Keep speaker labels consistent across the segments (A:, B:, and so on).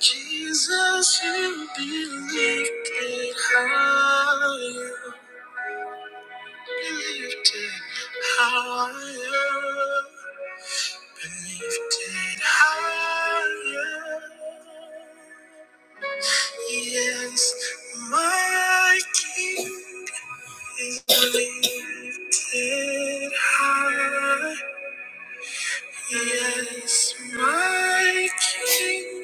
A: Jesus, you be lifted higher, be lifted higher, be lifted higher. Yes, my King is lifted high. Yes, my King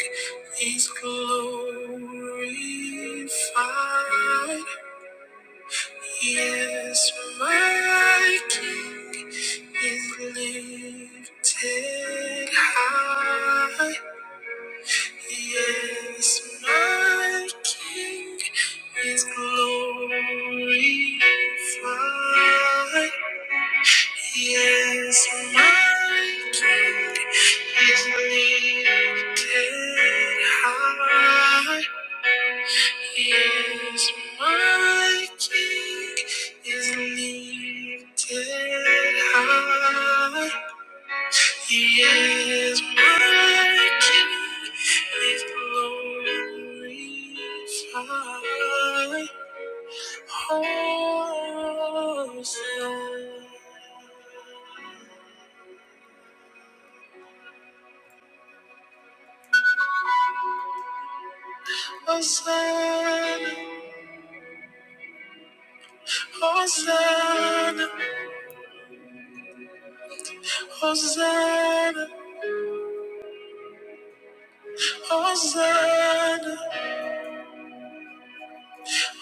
A: is glorified. Yes, my King is lifted high. Yes, my King is glorified. Yes, my King is lifted high. Is my king is lifted high. He is my king is glorified. Hosanna, Hosanna, Hosanna, Hosanna, Hosanna,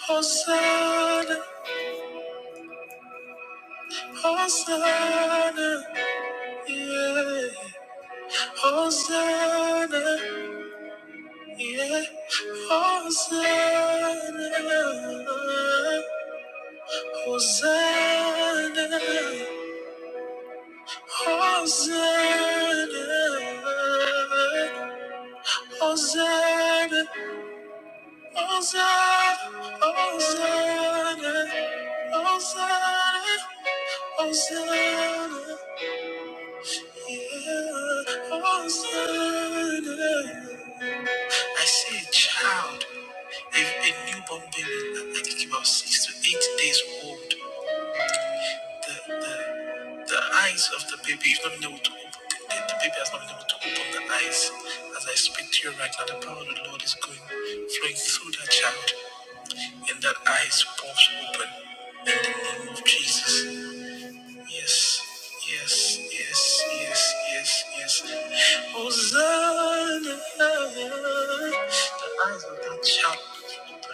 A: Hosanna. Hosanna, yeah. Hosanna, yeah. Hosanna, Hosanna, Hosanna, Hosanna, Hosanna, Hosanna. yeah. Hosanna, Hosanna, yeah, Hosanna. I see a child, a, a newborn baby, I think about six to eight days old. The, the, the eyes of the baby, you've not been able to open, the, the, the baby has not been able to open the eyes. As I speak to you right now, the power of the Lord is going, flowing through that child, and that eyes pops open in the name of Jesus. Yes. Yes, yes, yes, yes, yes. Hosanna! The eyes of that child.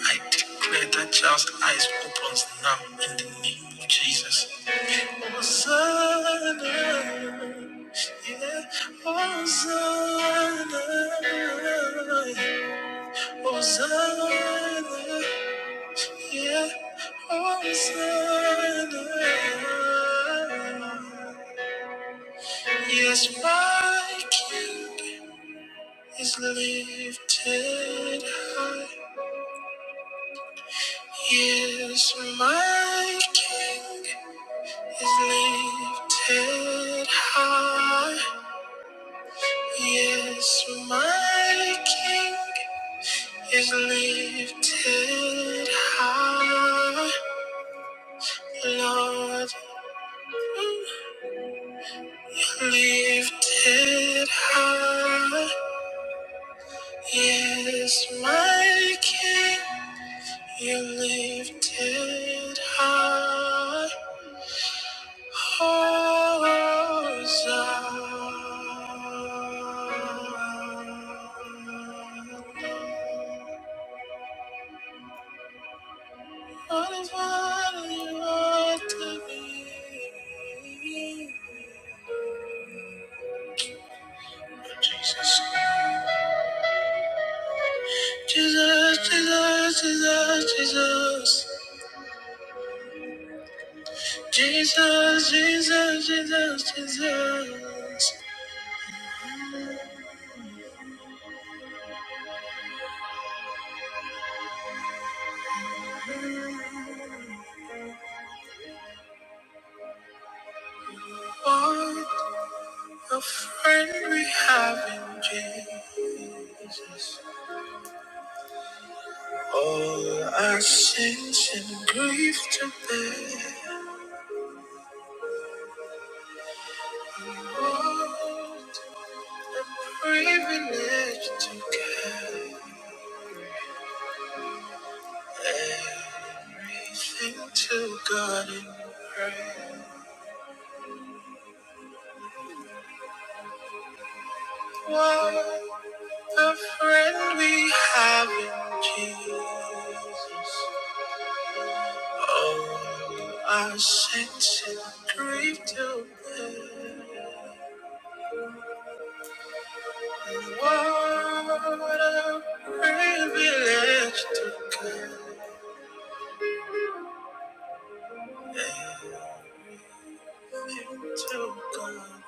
A: I declare that child's eyes opens now in the name of Jesus. Hosanna, yeah, Hosanna, Hosanna, yeah, Hosanna. Yes, my King is lifted high. Yes, my King. is lifted high. Yes, my King is lifted high. Lord, mm, lifted high. Yes, my King, you lifted high. Jesus, Jesus, Jesus, Jesus, Jesus. Jesus, Jesus, Jesus, Jesus. What a friend we have in Jesus. All our sins and grief to bear, all privilege to give everything to God in prayer. What a friend we have in Jesus. All our sins and grief to bear, what a privilege to give. Until God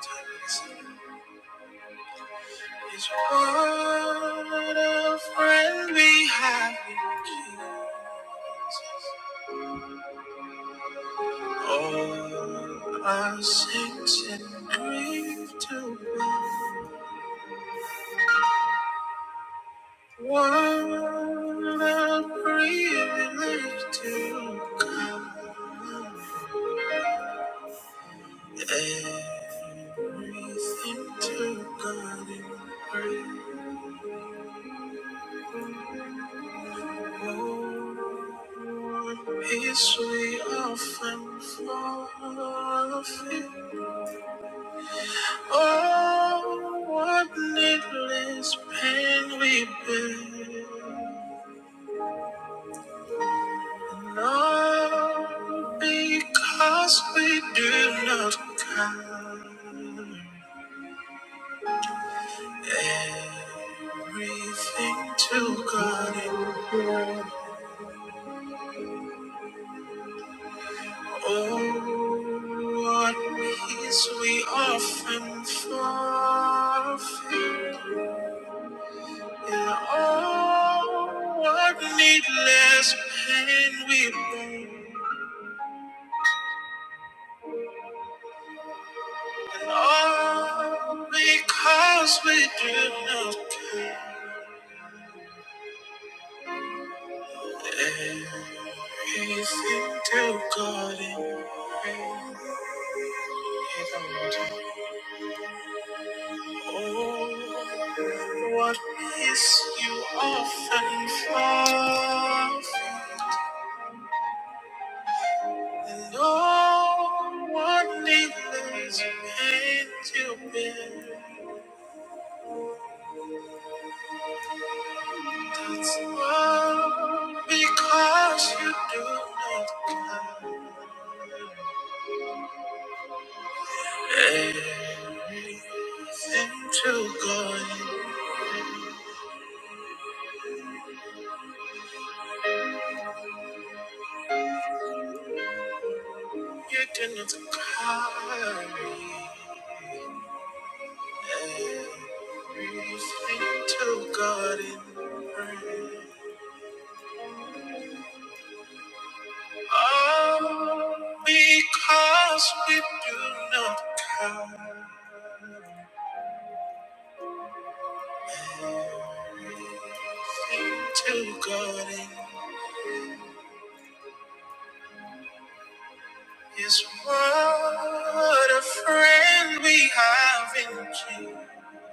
A: takes It's what a friend we have in Jesus. All our sins and grief to One a privilege to come. Everything to God in prayer. History of and forfeit. Oh, what needless pain we bear. All because we do not count everything to God in prayer. Oh, What peace we often forfeit in all what needless pain we bear, and all because we do not care. Everything to God in prayer. Oh, what peace you often forfeit. And No one needs pain to bear. That's all because you do not count everything to God. You do not carry everything to God in prayer. All because we do not count to God in His what a friend we have in Jesus.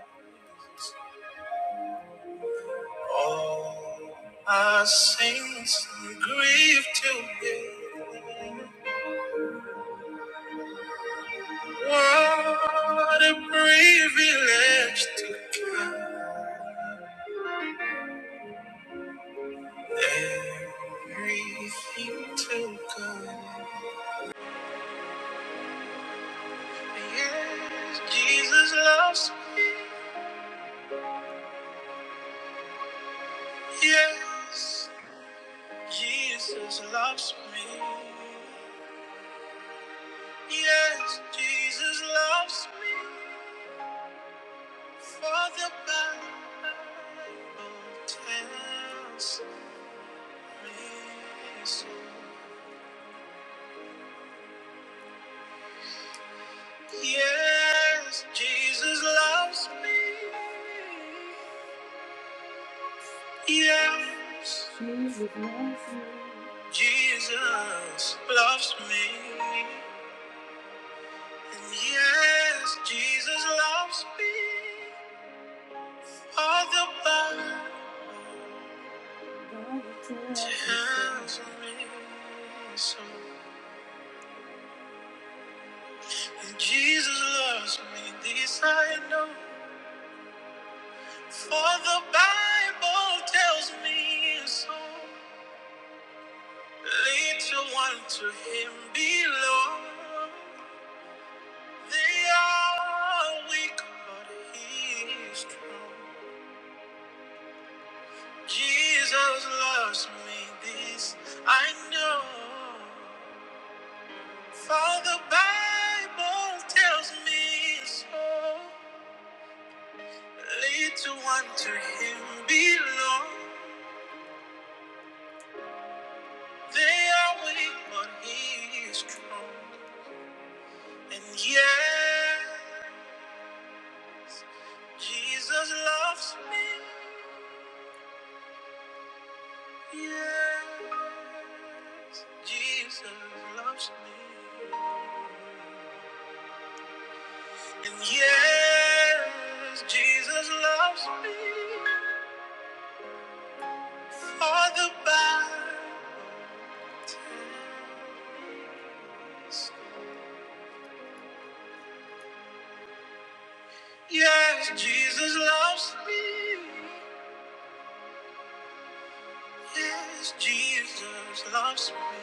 A: All our sins and grief to bear. What a privilege to count. Everything to God. Yes, Jesus loves me. Yes, Jesus loves me. Yes, Jesus loves me. For the Bible tells me so. Yes, Jesus loves me. Yes, Jesus loves me. Jesus loves me. And yes, Jesus loves me. All the Bible tells me so. And Jesus loves me, this I know. For the Bible tells me so. Little one to him below. They are weak, but he is strong. Jesus loves me, this I know. For the Bible tells me so. Little one to him belong. They are weak, but he is strong. And yeah, Jesus loves me. Yes, Jesus loves me. And yes, Jesus loves me. For the Bible says, Yes, Jesus loves me. Yes, Jesus loves me.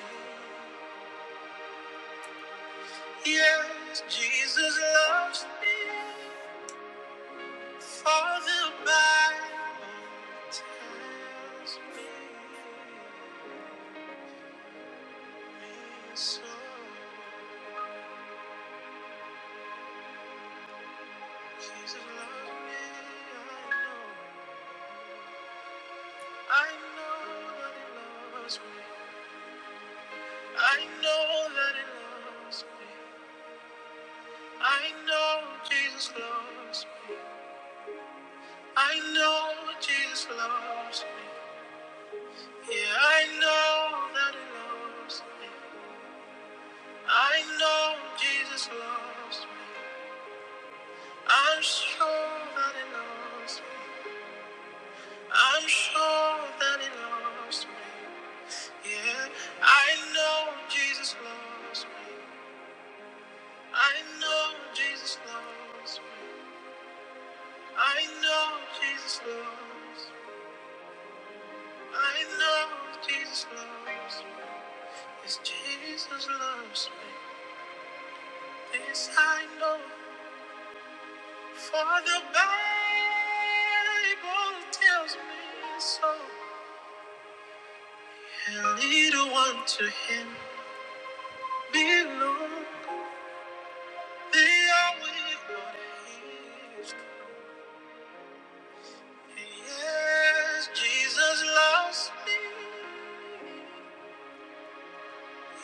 A: Yes, Jesus loves me. For the Bible tells me. So he's in love with me. I know, I that he loves me. I know that he loves me. I know Jesus loves me. I know Jesus loves me. Yeah, I know that he loves me. I know Jesus loves me. I'm sure that he loves me. I'm sure that he loves me. Yeah, I know Jesus loves me. I know Jesus loves me. I know Jesus loves me. I know Jesus loves me. Yes, Jesus loves me. This I know, for the Bible tells me so. And little one to him belongs. Yes, Jesus loves me.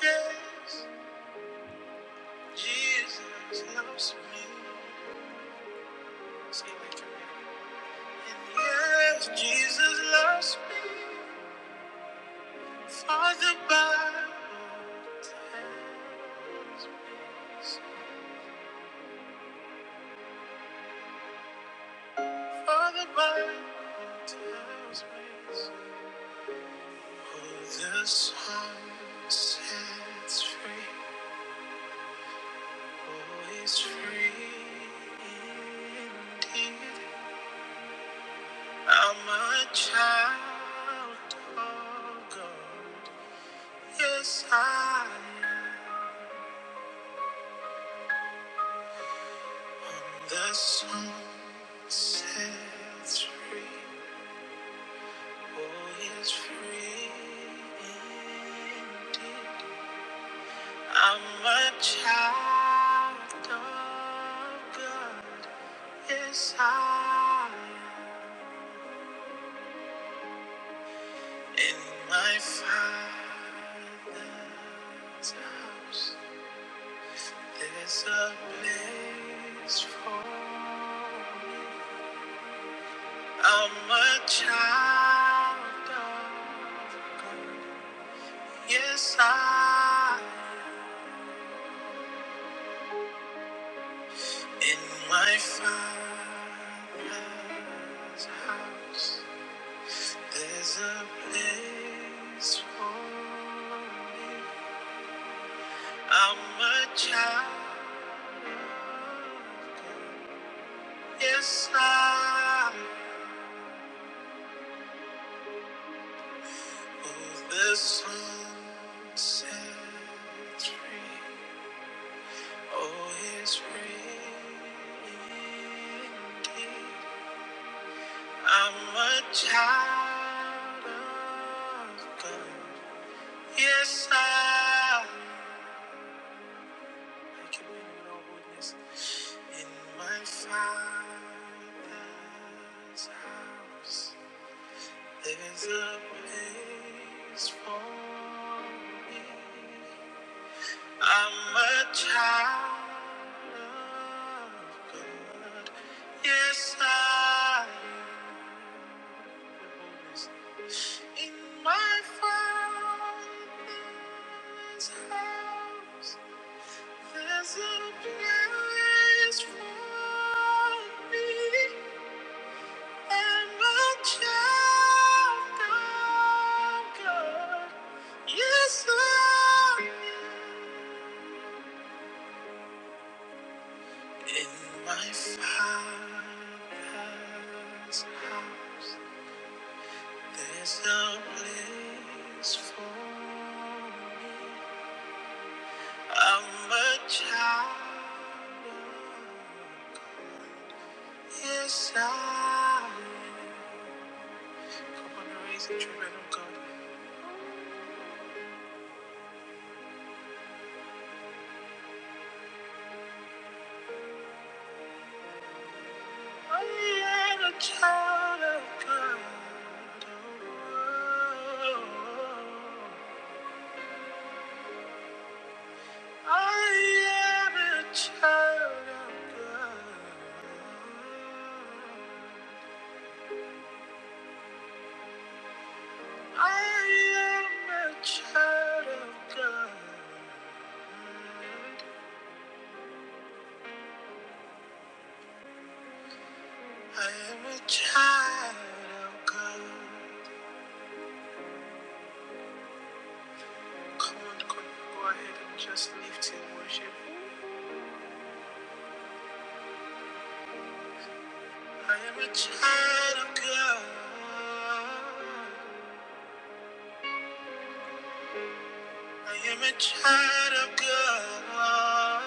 A: Yes, Jesus loves me. Say that to me. yes, Jesus loves me. For the Bible tells me. For the Bible tells me. Who the Son sets free. Oh, is free indeed. I'm a child of God. Yes, I am. The sun sets free. Oh, is free indeed. I'm a child of God. Yes, I am. In my father's house, there's a place for me. I'm a child of God. Yes, I am. In my father's house, there's a place for me. I'm a child. Yes, I owe the sunset tree. Oh, his ring. I'm a child of God. Yes, I. Thank you, Lord, yes. In my father's house. There's a place for me. I'm a child of God. Yes, I am. In my father's house, there's a place for me. am a child of God. Yes, Lord. In my father's house, there's a place for me. I'm a child. of God. Yes, I am. Come on, raise the children of God. I am a child of God. I am a child of God. I am a child of God. I am a child of God. just lift and worship. I am a child of God. I am a child of God.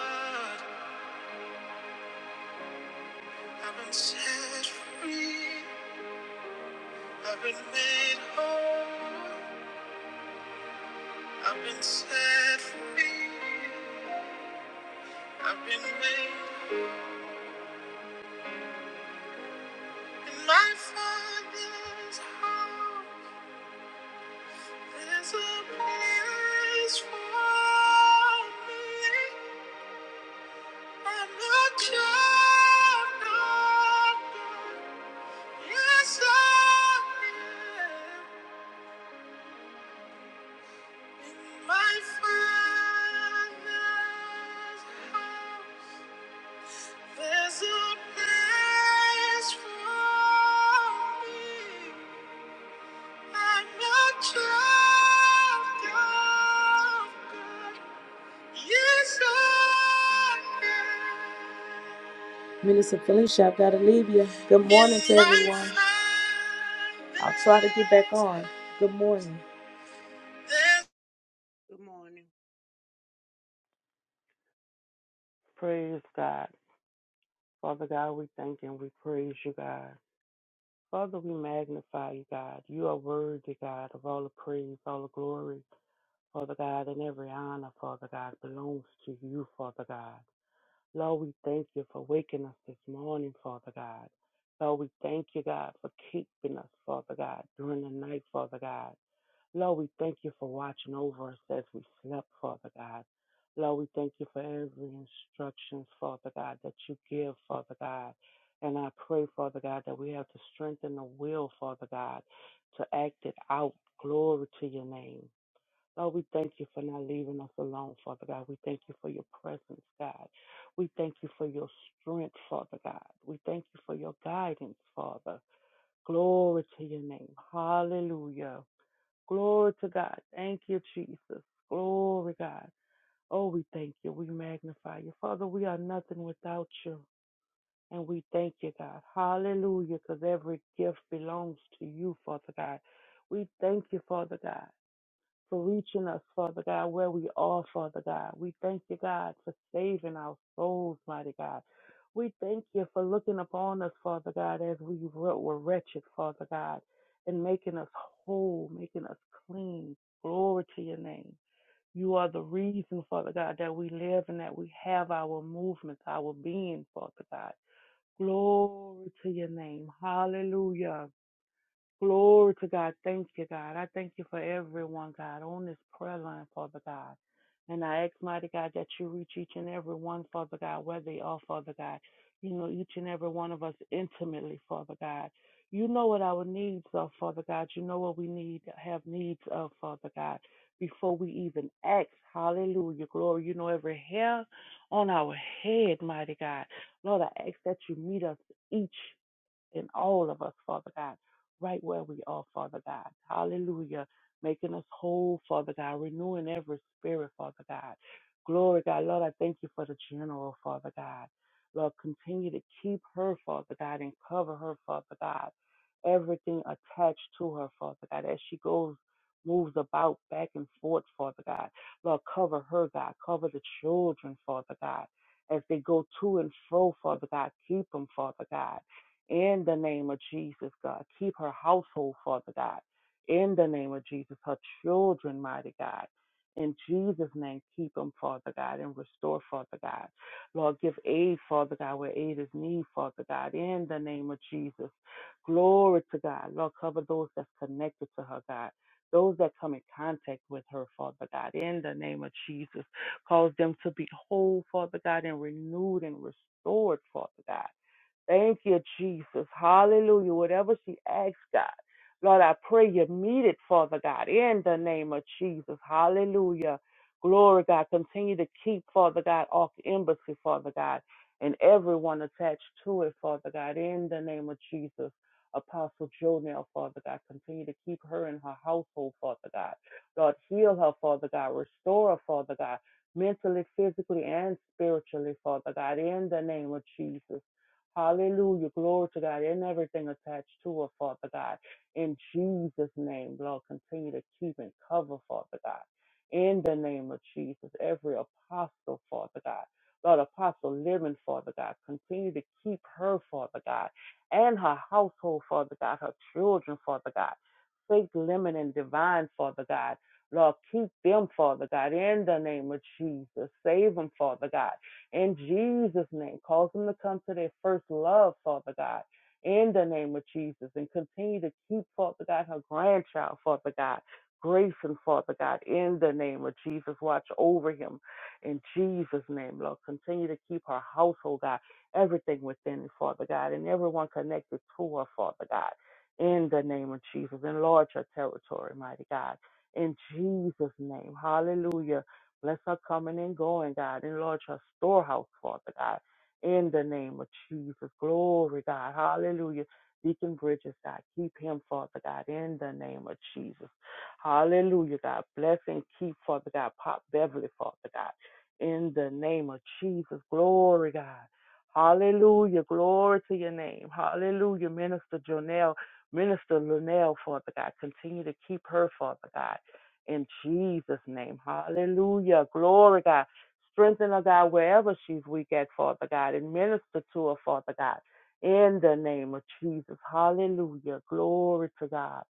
A: I've been set free. I've been made whole. I've been set free. I've been made in my father's house. There's a place for me. I'm a child of God. Yes, Yes, Minister Felicia, I've got to leave you. Good morning to everyone. I'll try to get back on. Good morning.
B: Praise God. Father God, we thank and we praise you, God. Father, we magnify you, God. You are worthy, God, of all the praise, all the glory, Father God, and every honor, Father God, belongs to you, Father God. Lord, we thank you for waking us this morning, Father God. Lord, we thank you, God, for keeping us, Father God, during the night, Father God. Lord, we thank you for watching over us as we slept, Father God. Lord, we thank you for every instruction, Father God, that you give, Father God. And I pray, Father God, that we have the strength and the will, Father God, to act it out. Glory to your name. Lord, we thank you for not leaving us alone, Father God. We thank you for your presence, God. We thank you for your strength, Father God. We thank you for your guidance, Father. Glory to your name. Hallelujah. Glory to God. Thank you, Jesus. Glory, God. Oh, we thank you. We magnify you. Father, we are nothing without you. And we thank you, God. Hallelujah, because every gift belongs to you, Father God. We thank you, Father God for reaching us, Father God, where we are, Father God. We thank you, God, for saving our souls, mighty God. We thank you for looking upon us, Father God, as we were were wretched, Father God, and making us whole, making us clean. Glory to your name. You are the reason, Father God, that we live and that we have our movements, our being, Father God. Glory to your name. Hallelujah. Glory to God. Thank you, God. I thank you for everyone, God, on this prayer line, Father God. And I ask, mighty God, that you reach each and every one, Father God, where they are, Father God. You know each and every one of us intimately, Father God. You know what our needs are, Father God. You know what we need, have needs of, Father God, before we even ask. Hallelujah. Glory. You know every hair on our head, mighty God. Lord, I ask that you meet us each in all of us, Father God, right where we are, Father God. Hallelujah. Making us whole, Father God, renewing every spirit, Father God. Glory, God. Lord, I thank you for the general, Father God. Lord, continue to keep her, Father God, and cover her, Father God. Everything attached to her, Father God, as she goes, moves about back and forth, Father God. Lord, cover her, God. Cover the children, Father God, as they go to and fro, Father God. Keep them, Father God in the name of Jesus, God. Keep her household, Father God, in the name of Jesus, her children, mighty God. In Jesus' name, keep them, Father God, and restore, Father God. Lord, give aid, Father God, where aid is needed, Father God, in the name of Jesus. Glory to God. Lord, cover those that's connected to her, God. Those that come in contact with her, Father God, in the name of Jesus. Cause them to be whole, Father God, and renewed and restored, Father God Thank you, Jesus. Hallelujah. Whatever she asks, God. Lord, I pray you meet it, Father God, in the name of Jesus. Hallelujah. Glory, God. Continue to keep, Father God, Ark Embassy, Father God, and everyone attached to it, Father God, in the name of Jesus. Apostle Jonell, Father God, continue to keep her and her household, Father God. Lord, heal her, Father God. Restore her, Father God, mentally, physically, and spiritually, Father God, in the name of Jesus. Hallelujah. Glory to God. And everything attached to her, Father God. In Jesus' name, Lord, continue to keep and cover, Father God. In the name of Jesus, every apostle, Father God. Lord, Apostle Living, Father God, continue to keep her, Father God, and her household, Father God, her children, Father God, faith, limit, and divine, Father God. Lord, keep them, Father God, in the name of Jesus. Save them, Father God in Jesus' name, cause them to come to their first love, Father God, in the name of Jesus, and continue to keep, Father God, her grandchild, Father God. Grayson, Father God, in the name of Jesus, watch over him. In Jesus' name, Lord, continue to keep her household, God, everything within, Father God, and everyone connected to her, Father God, in the name of Jesus. Enlarge her territory, mighty God, in Jesus' name. Hallelujah. Bless her coming and going, God. Enlarge her storehouse, Father God. In the name of Jesus. Glory, God. Hallelujah. Deacon Bridges, God. Keep him, Father God. In the name of Jesus. Hallelujah, God. Bless and keep, Father God. Pop Beverly, Father God. In the name of Jesus. Glory, God. Hallelujah. Glory to your name. Hallelujah. Minister Jonelle, Minister Linnell, Father God. Continue to keep her, Father God in Jesus' name. Hallelujah. Glory, God. Strengthen her, God, wherever she's weak at, Father God, and minister to her, Father God, in the name of Jesus. Hallelujah. Glory to God.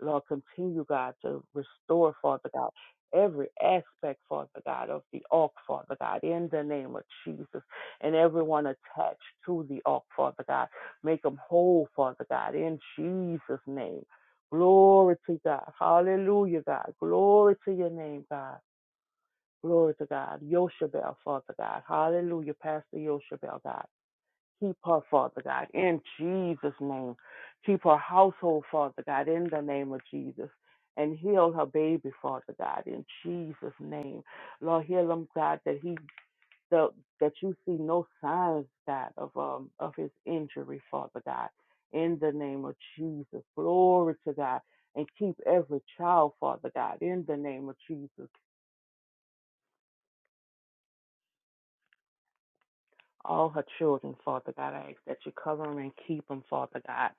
B: Lord, continue, God, to restore, Father God, every aspect, Father God, of the ark, Father God, in the name of Jesus, and everyone attached to the ark, Father God. Make them whole, Father God, in Jesus' name. Glory to God. Hallelujah, God. Glory to your name, God. Glory to God. Yoshabel, Father God. Hallelujah, Pastor Yoshabel, God. Keep her, Father God, in Jesus' name. Keep her household, Father God, in the name of Jesus. And heal her baby, Father God, in Jesus' name. Lord, heal him, God, that he the, that you see no signs, God, of um of his injury, Father God. In the name of Jesus, glory to God, and keep every child, Father God. In the name of Jesus, all her children, Father God. I ask that you cover them and keep them, Father God.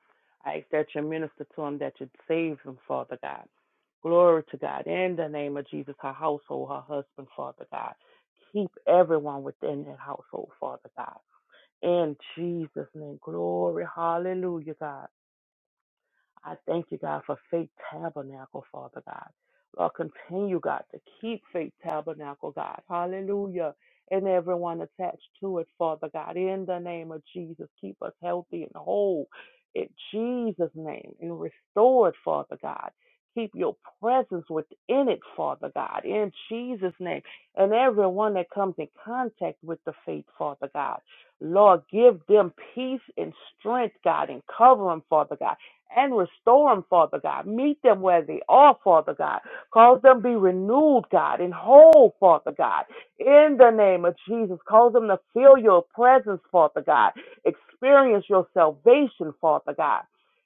B: I ask that you minister to them, that you save them, Father God. Glory to God. In the name of Jesus, her household, her husband, Father God. Keep everyone within that household, Father God In Jesus' name. Glory. Hallelujah, God. I thank you, God, for Faith Tabernacle, Father God. Lord, continue, God, to keep Faith Tabernacle, God. Hallelujah. And everyone attached to it, Father God. In the name of Jesus, keep us healthy and whole. In Jesus' name, and restored, Father God. Keep your presence within it, Father God, in Jesus' name. And everyone that comes in contact with the faith, Father God. Lord, give them peace and strength, God, and cover them, Father God and restore them, Father God. Meet them where they are, Father God. Cause them be renewed, God, and whole, Father God. In the name of Jesus, cause them to feel your presence, Father God. Experience your salvation, Father God.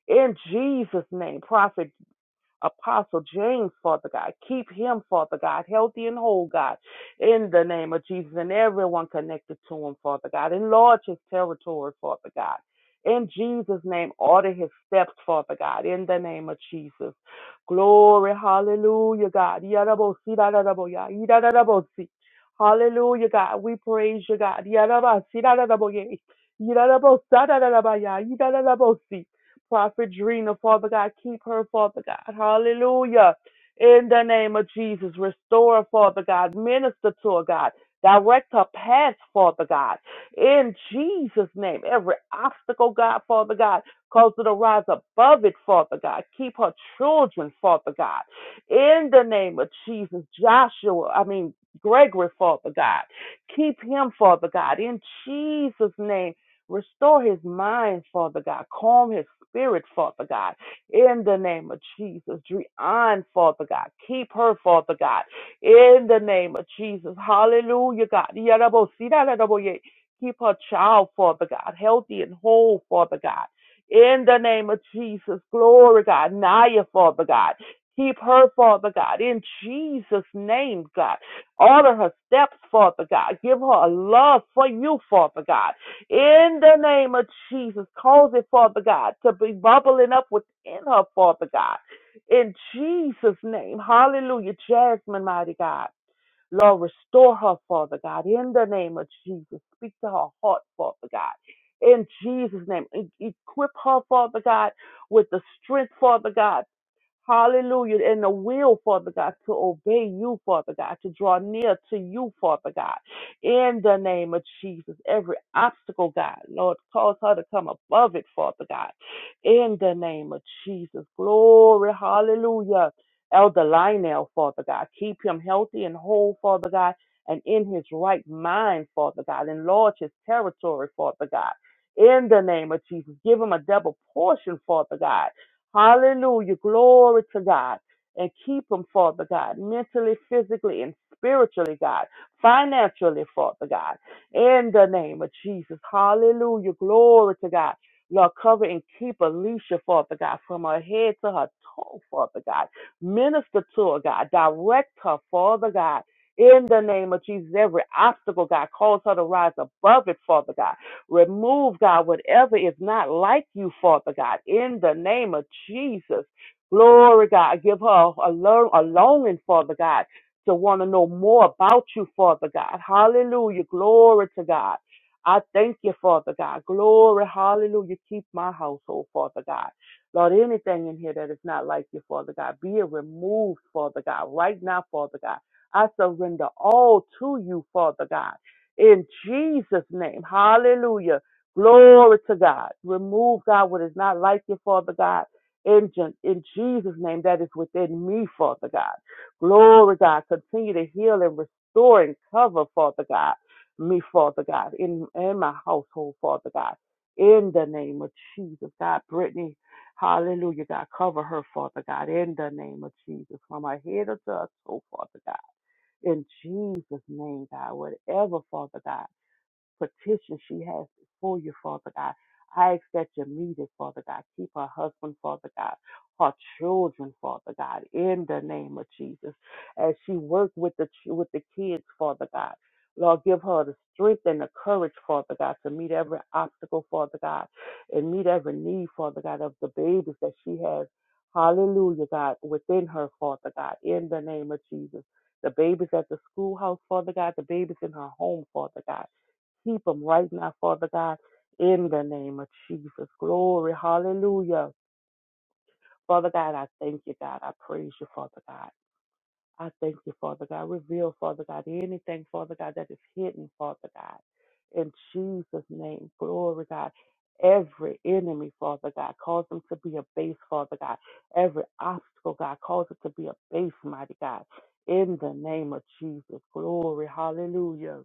B: In Jesus' name, Prophet Apostle James, Father God. Keep him, Father God, healthy and whole, God, in the name of Jesus and everyone connected to him, Father God. Enlarge his territory, Father God. In Jesus' name, order his steps, Father God, in the name of Jesus. Glory, hallelujah, God. Yadabosi, dadadaboya, yidadadabosi. Hallelujah, God. We praise you, God. Yadabasi, dadadaboye, yidadabosa, dadadabaya, yidadadabosi. Prophet Drina, Father God, keep her, Father God. Hallelujah. In the name of Jesus, restore, Father God. Minister to her, God. Direct her path, Father God. In Jesus' name, every obstacle, God, Father God, cause her to rise above it, Father God. Keep her children, Father God. In the name of Jesus, Joshua, I mean, Gregory, Father God. Keep him, Father God. In Jesus' name. Restore his mind, Father God. Calm his spirit, Father God. In the name of Jesus. Drian, Father God. Keep her, Father God. In the name of Jesus. Hallelujah, God. Yarabo, sirarabo, ye. Keep her child, Father God. Healthy and whole, Father God. In the name of Jesus. Glory, God. Naya, Father God. Keep her, Father God. In Jesus' name, God. Order her steps, Father God. Give her a love for you, Father God in the name of Jesus. Cause it, Father God, to be bubbling up within her, Father God. In Jesus' name. Hallelujah. Jasmine, mighty God. Lord, restore her, Father God, in the name of Jesus. Speak to her heart, Father God. In Jesus' name. E- Equip her, Father God, with the strength, Father God. Hallelujah. And the will, Father God, to obey you, Father God, to draw near to you, Father God. In the name of Jesus, every obstacle, God, Lord, cause her to come above it, Father God. In the name of Jesus. Glory. Hallelujah. Elder Lionel, Father God. Keep him healthy and whole, Father God, and in his right mind, Father God. Enlarge his territory, Father God. In the name of Jesus, give him a double portion, Father God Hallelujah. Glory to God. And keep them, Father God, mentally, physically, and spiritually, God, financially, Father God, in the name of Jesus. Hallelujah. Glory to God. Lord, cover and keep Alicia, Father God, from her head to her toe, Father God. Minister to her, God. Direct her, Father God. In the name of Jesus, every obstacle, God, calls her to rise above it, Father God. Remove, God, whatever is not like you, Father God, in the name of Jesus. Glory, God. Give her a, lo- a longing, Father God, to want to know more about you, Father God. Hallelujah. Glory to God. I thank you, Father God. Glory, hallelujah. Keep my household, Father God. Lord, anything in here that is not like you, Father God, be it removed, Father God, right now, Father God. I surrender all to you, Father God in Jesus' name. Hallelujah. Glory to God. Remove, God, what is not like you, Father God. In, in Jesus' name, that is within me, Father God. Glory, God. Continue to heal and restore and cover, Father God. Me, Father God. In, in my household, Father God. In the name of Jesus, God. Brittany, hallelujah, God. Cover her, Father God. In the name of Jesus. From her head to her toe, Father God. In Jesus' name, God, whatever, Father God, petition she has before you, Father God. I ask that you meet it, Father God. Keep her husband, Father God, her children, Father God, in the name of Jesus. As she works with the ch- with the kids, Father God. Lord, give her the strength and the courage, Father God, to meet every obstacle, Father God, and meet every need, Father God, of the babies that she has. Hallelujah, God, within her, Father God, in the name of Jesus. The babies at the schoolhouse, Father God, the babies in her home, Father God. Keep them right now, Father God, in the name of Jesus. Glory, hallelujah. Father God, I thank you, God. I praise you, Father God. I thank you, Father God. Reveal, Father God, anything, Father God, that is hidden, Father God. In Jesus' name, glory, God. Every enemy, Father God, cause them to be a base, Father God. Every obstacle, God, cause it to be a base, mighty God. In the name of Jesus, glory, hallelujah.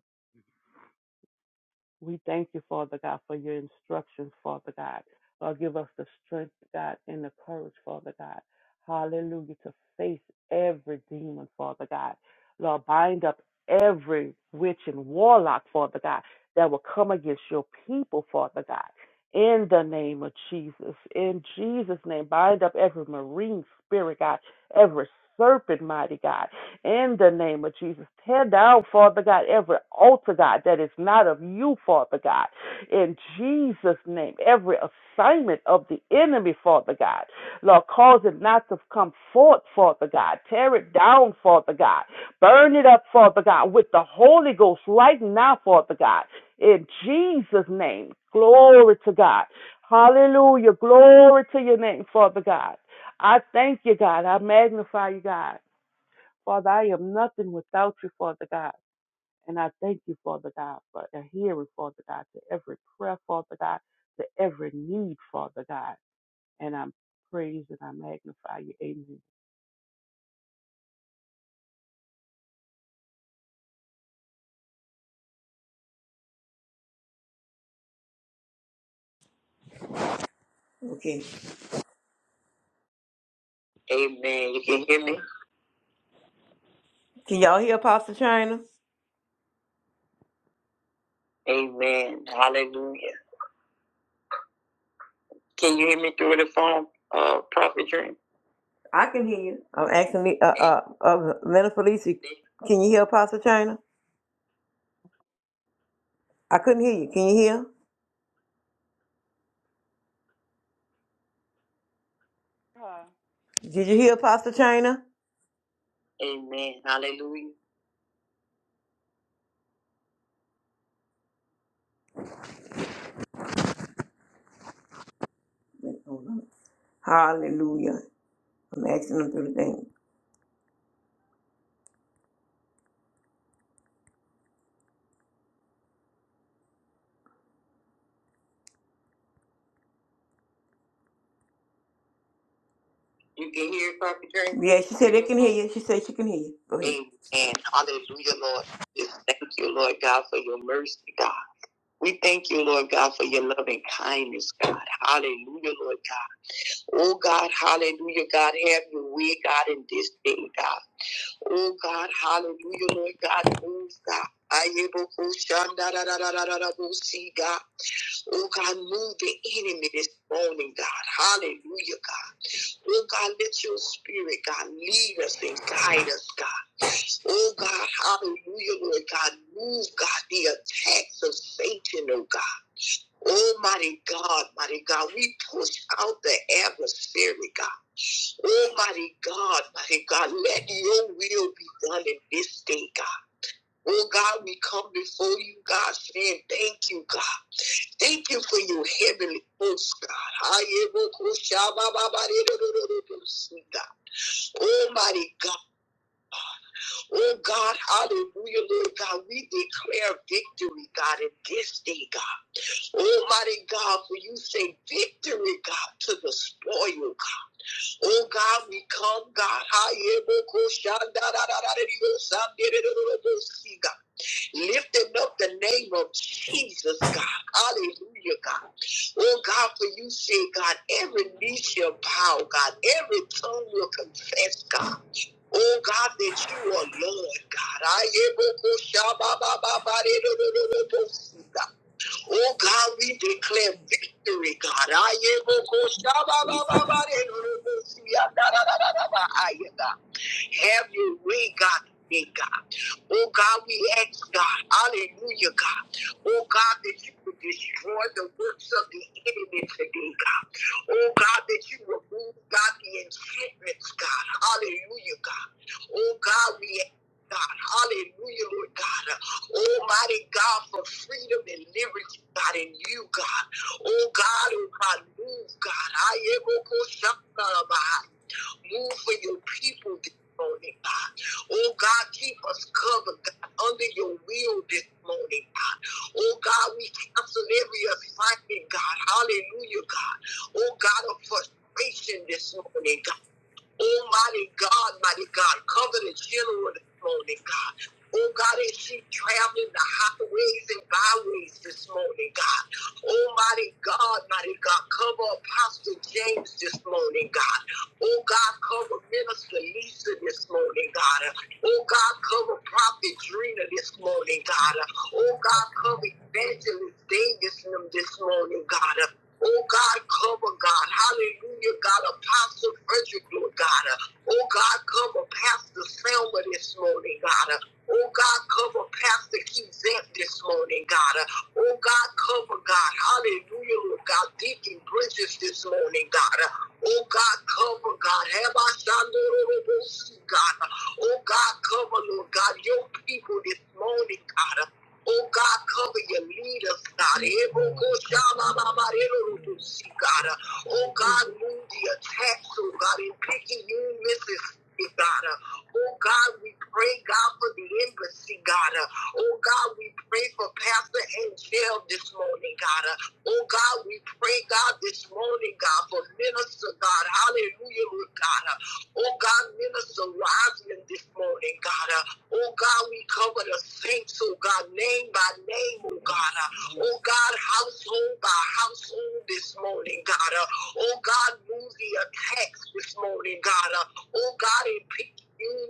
B: We thank you, Father God, for your instructions, Father God. Lord, give us the strength, God, and the courage, Father God. Hallelujah, to face every demon, Father God. Lord, bind up every witch and warlock, Father God, that will come against your people, Father God. In the name of Jesus, in Jesus' name, bind up every marine spirit, God, every serpent, mighty God. In the name of Jesus, tear down, Father God, every altar, God, that is not of you, Father God. In Jesus' name, every assignment of the enemy, Father God. Lord, cause it not to come forth, Father God. Tear it down, Father God. Burn it up, Father God, with the Holy Ghost right now, Father God. In Jesus' name, glory to God. Hallelujah. Glory to your name, Father God. I thank you, God. I magnify you, God. Father, I am nothing without you, Father God. And I thank you, Father God, for a hearing, Father God, to every prayer, Father God, to every need, Father God. And I'm praised and I magnify you.
C: Okay. Amen. You can hear me? Can y'all hear Apostle China? Amen. Hallelujah. Can you hear me through the phone, uh, Prophet Dream? I can hear you. I'm asking the- uh uh, uh Lena Felicia. Can you hear Apostle China? I couldn't hear you. Can you hear?
B: Amen.
C: Did you hear Apostle China? Amen. Hallelujah. Hallelujah. I'm asking them through the thing. You can hear Prophet Drake? Yeah, she said they can hear you. She said she can hear you. Go ahead. Amen. Hallelujah, Lord. Just thank you, Lord God, for your mercy, God. We thank you, Lord God, for your love and kindness, God. Hallelujah, Lord God. Oh, God, hallelujah, God. Have your way, God, in this day, God. Oh, God, hallelujah, Lord God. Move, God. Ayebokushandadadadadadabosi, God. Oh, God, move the enemy this morning, God. Hallelujah, God. Oh God, let your spirit, God, lead us and guide us, God. Oh God, hallelujah, Lord God. Move, God, the attacks of Satan, oh God. Almighty God, mighty God, we push out the adversary, God. Almighty God, mighty God, let your will be done in this day, God. Oh God, we come before you, God, saying thank you, God. Thank you for your heavenly host, God. I Almighty God. Oh God, hallelujah, Lord God. We declare victory, God, in this day, God. Almighty God, for you say victory, God, to the spoil, God. Oh God, we come, God. God lifting up the name of Jesus, God. Hallelujah, God. Oh, God, for you say, God, every knee shall bow, God. Every tongue will confess, God. Oh, God, that you are Lord, God. I am Oh God, we declare victory, God. Have your way, God. God. Oh God, we ask God, hallelujah, God. Oh God, that you would destroy the works of the enemy today, God. Oh God, that you would remove God, the enchantments, God. Hallelujah, God. Oh God, we ask God. Hallelujah, Lord God. Almighty God, for freedom and liberty, God, in you, God. Oh God, oh God, move, God. I am Okoshakarabai. Move for your people this morning, God. Oh God, keep us covered, God, under your will this morning, God. Oh God, we cancel every assignment, God. Hallelujah, God. Oh God, of frustration this morning, God. Oh, mighty God, mighty God, cover the general this morning, God. Oh, God, as she traveling the highways and byways this morning, God. Oh, mighty God, mighty God, cover Apostle James this morning, God. Oh, God, cover Minister Lisa this morning, God. Oh, God, cover Prophet Drina this morning, God. Oh, God, cover Evangelist Davis this morning, God. Oh God, cover God. Hallelujah, God. Apostle Frederick, Lord God. Uh, Oh God, cover Pastor Selma this morning, God. Uh, Oh God, cover Pastor Kizette this morning, God. Uh, Oh God, cover God. Hallelujah, Lord God. Deacon Bridges this morning, God. Uh, Oh God, cover God. Have I God? Uh, Oh God, cover, Lord God, your people this morning, God. Uh, Oh God, cover your leaders, God. Ebokoshalalabarerorodosi, God. Oh God, move the attacks, oh God, in picking you, Mrs. God. Oh God, we pray, God, for the embassy, God. Oh God, we pray for Pastor Angel this morning, God. Oh God, we pray, God, this morning, God, for Minister, God. Hallelujah, Lord God. Oh God, Minister Roslyn this morning, God. Oh God, we cover the saints lives, oh God, name by name, oh God. Uh, Oh God, household by household this morning, God. Uh, Oh God, move the attacks this morning, God. Uh, Oh God, in P-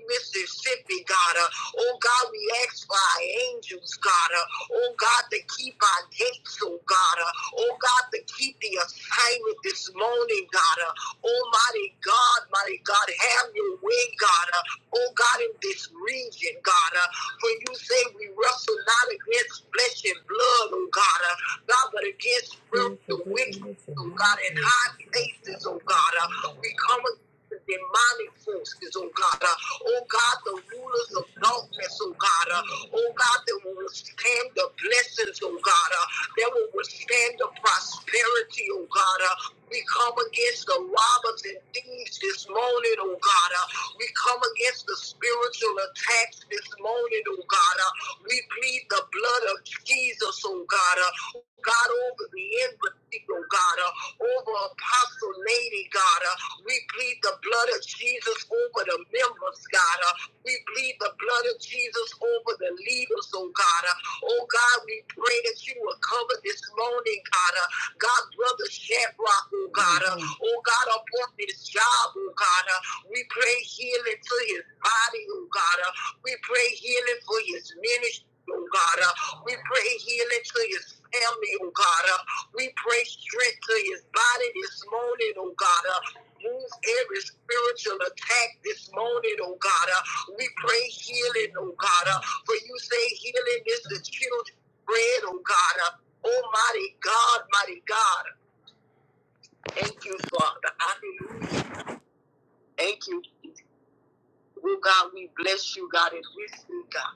C: Mississippi, God. Uh, Oh God, we ask for our angels, God. Uh, oh Oh God, to keep our gates, oh God. Uh, oh God, to keep the assignment this morning, God. Uh, Almighty God, mighty God, have your way, God. Uh, oh God, in this region, God. Uh, for you say we wrestle not against flesh and blood, oh God. Uh, God, but against spiritual wickedness, oh God, in high places, oh God. Uh, we come against the demonic force forces, oh God. Uh, oh God, the rulers of darkness, oh God. Uh, oh God, that will withstand the blessings, oh God. Uh, that will withstand the prosperity, oh God. Uh, we come against the robbers and thieves this morning, oh God. Uh, we come against the spiritual attacks this morning, oh God. Uh, we plead the blood of Jesus, oh God. Uh, God, over over Leandra, oh God, uh, over Apostle Lady, God. Uh, we plead the blood of Jesus over the members, God. Uh, we plead the blood of Jesus over the leaders, oh God. Uh, oh God, we pray that you will cover this morning, God. Uh, God, brother Shadrach, oh God. Uh, Mhm. oh God, upon his job, oh God. Uh, we pray healing to his body, oh God. Uh, we pray healing for his ministry, oh God. Uh, we pray healing to his family, oh God. Uh, we pray strength to his body this morning, oh God. Uh, Move every spiritual attack this morning, oh God. Uh, we pray healing, oh God. Uh, for you say healing is the children's bread, oh God. Uh, Almighty God, mighty God. Thank you, Father. Hallelujah. Thank you. Oh God, we bless you, God, and we see God.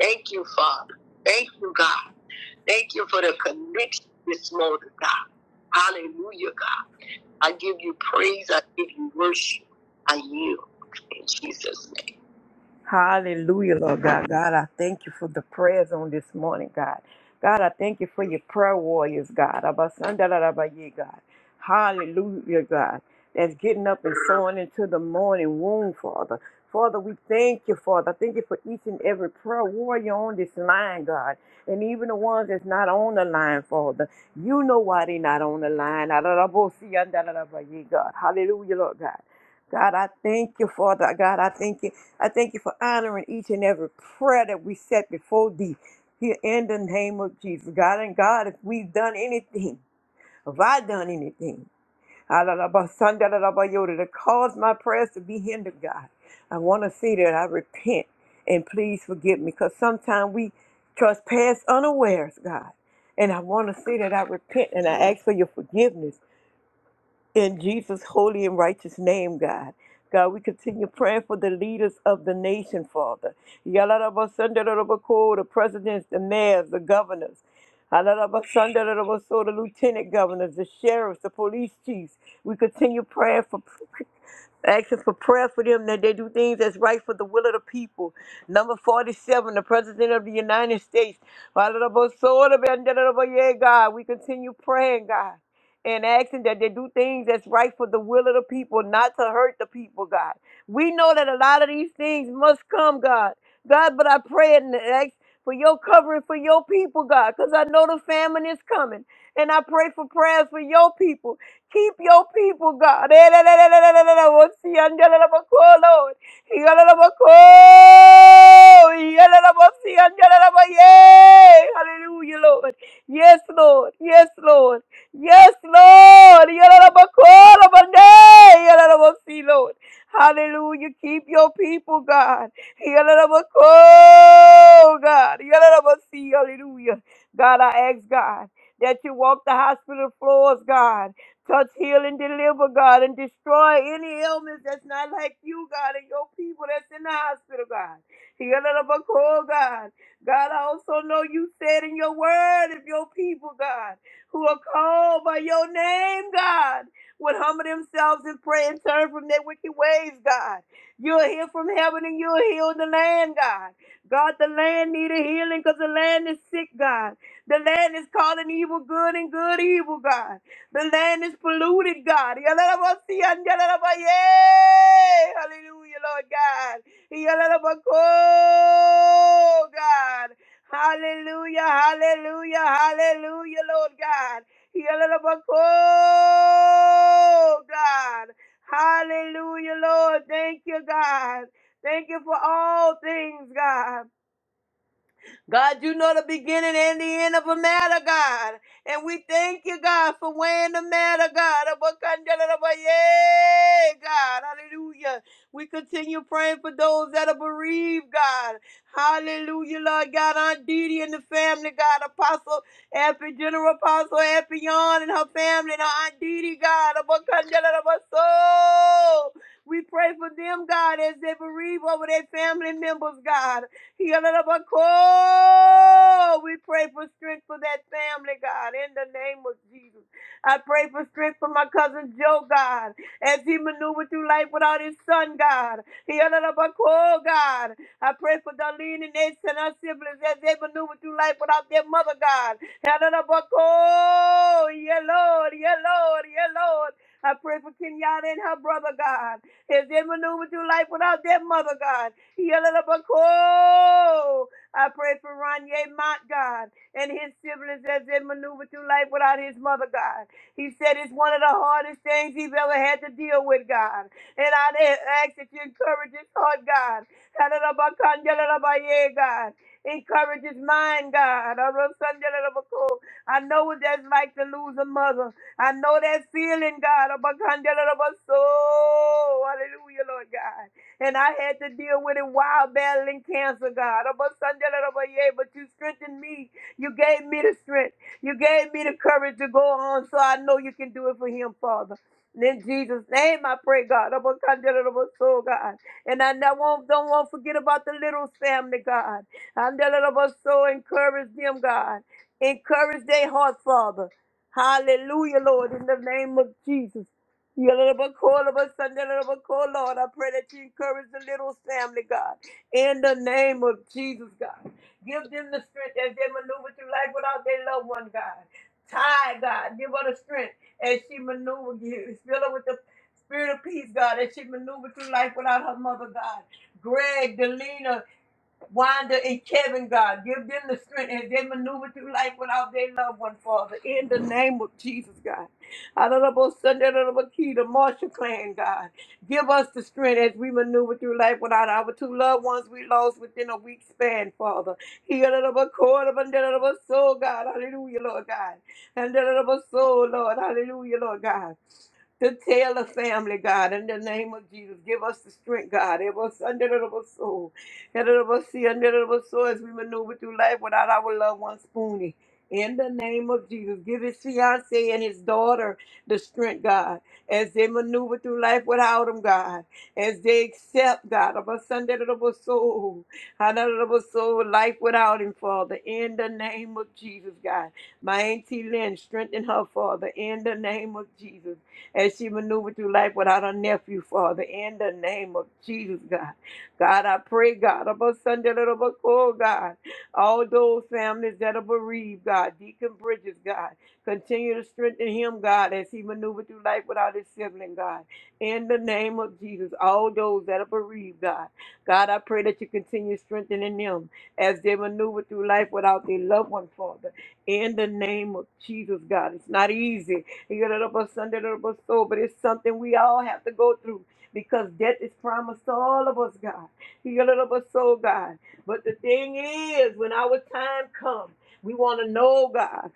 C: Thank you, Father. Thank you, God. Thank you for the connection this morning, God. Hallelujah, God. I give you praise. I give you worship. I yield in Jesus' name. Hallelujah, Lord God. God, I thank you for the prayers on this morning, God. God, I thank you for your prayer warriors, God. Abasandarabaye, God. Hallelujah, God. That's getting up and sowing into the morning womb, Father. Father, we thank you, Father. Thank you for each and every prayer warrior on this line, God. And even the ones that's not on the line, Father. You know why they not on the line. Ararabosiandarabaye, God. Hallelujah, Lord God. God, I thank you, Father. God, I thank you. I thank you for honoring each and every prayer that we set before thee here in the name of Jesus. God and God, if we've done anything, if I done anything, Alalabasandalalabayoda, to cause my prayers to be hindered, God, I want to see that I repent and please forgive me because sometimes we trespass unawares, God. And I want to see that I repent and I ask for your forgiveness in Jesus' holy and righteous name, God. God, we continue praying for the leaders of the nation, Father. Yalarabasandarabaku, The presidents, the mayors, the governors. Alarabasandarabaso, The lieutenant governors, the sheriffs, the police chiefs. We continue praying for Asking for prayer for them that they do things that's right for the will of the people. Number 47, the President of the United States. God, we continue praying, God, and asking that they do things that's right for the will of the people, not to hurt the people, God. We know that a lot of these things must come, God. God, but I pray and ask for your covering for your people, God, because I know the famine is coming. And I pray for prayers for your people. Keep your people, God. Eh, la, la, la, la, la, la, la, la, wo si ande la la ba ko, Lord. Iga la la ba ko. Iga la la ba si ande la la ba, yay. Hallelujah, Lord. Yes, Lord. Yes, Lord. Yes, Lord. Iga la la ba ko, la ba ne. Iga la la ba si, Lord. Hallelujah. Keep your people, God. Iga la la ba ko, God. Iga la la ba si. Hallelujah. God, I ask God that you walk the hospital floors, God. Touch, heal, and deliver, God, and destroy any illness that's not like you, God, and your people that's in the hospital, God. Heal and overcome, God. God, I also know you said in your word, if your people, God, who are called by your name, God, would humble themselves and pray and turn from their wicked ways, God. You'll hear from heaven and you'll heal the land, God. God, the land need a healing because the land is sick, God. The land is calling evil good and good evil, God. The land is polluted, God. Yalalabasiyanjalalabaye. Hallelujah, Lord God. Yalalabako, God. Hallelujah, hallelujah, hallelujah, Lord God. Yalalabako, God. Hallelujah, Lord. Thank you, God. Thank you for all things, God. God, you know the beginning and the end of a matter, God. And we thank you, God, for weighing the matter, God. Abakandalabaye, God, hallelujah. We continue praying for those that are bereaved, God. Hallelujah, Lord God. Aunt Didi and the family, God. Apostle Effie, General Apostle Effie Yon and her family, and her Aunt Didi, God. Abakandalabaso. We pray for them, God, as they bereave over their family members, God. Yalalabako. We pray for strength for that family, God, in the name of Jesus. I pray for strength for my cousin Joe, God, as he maneuvered through life without his son, God. Yalalabako, God. I pray for Darlene and Ace and our siblings as they maneuver through life without their mother, God. Yalalabako. Yeah, Lord, yeah, Lord, yeah, Lord. I pray for Kenyatta and her brother, God, as they maneuver through life without their mother, God. Yalalabako. I pray for Ronye Mott, God, and his siblings as they maneuver through life without his mother, God. He said it's one of the hardest things he's ever had to deal with, God. And I ask that you encourage his heart, God. Yalalabakan, yalalabaye, God. Encourage his mind, God. Arosan, yalalabako. I know what that's like to lose a mother. I know that feeling, God. Abakan, yalalabaso. Hallelujah, Lord God. And I had to deal with it while battling cancer, God. Oh, But Sunday, oh, but yeah, but you strengthened me. You gave me the strength. You gave me the courage to go on. So I know you can do it for him, Father. In Jesus' name, I pray, God. Oh, but Sunday, oh, so, God. And I do not- won't, don't want to forget about the little family, God. And oh, but so encourage them, God. Encourage their heart, Father. Hallelujah, Lord, in the name of Jesus. Yalabakolabasandelabako, Lord, I pray that you encourage the little family, God, in the name of Jesus, God. Give them the strength as they maneuver through life without their loved one, God. Ty, God, give her the strength as she maneuver you. Fill her with the spirit of peace, God, as she maneuver through life without her mother, God. Greg, Delina, Wanda and Kevin, God, give them the strength as they maneuver through life without their loved one, Father. In the name of Jesus, God. Honorable Sunday, Honorable Key, the Marshall clan, God. Give us the strength as we maneuver through life without our two loved ones we lost within a week span, Father. Heal the cord of a soul, God. Hallelujah, Lord God. And the soul, Lord. Hallelujah, Lord God to tell the family, God, in the name of Jesus. Give us the strength, God. It was under the soul. Under the sea, under the soul as we maneuver through life without our loved one spoonie. In the name of Jesus, give his fiance and his daughter the strength, God, as they maneuver through life without him, God, as they accept, God, of a Sunday little soul, another soul, life without him, Father. In the name of Jesus, God, my auntie Lynn, strengthen her, Father. In the name of Jesus, as she maneuvered through life without her nephew, Father, in the name of Jesus, God. God, I pray, God, about Sunday, little about oh, God, all those families that are bereaved, God, Deacon Bridges, God, continue to strengthen him, God, as he maneuvered through life without his sibling, God, in the name of Jesus, all those that are bereaved, God, God, I pray that you continue strengthening them as they maneuver through life without their loved one, Father, in the name of Jesus, God. It's not easy But it's something we all have to go through because death is promised to all of us, God. soul, God. But the thing is, when our time comes, we want to know, God,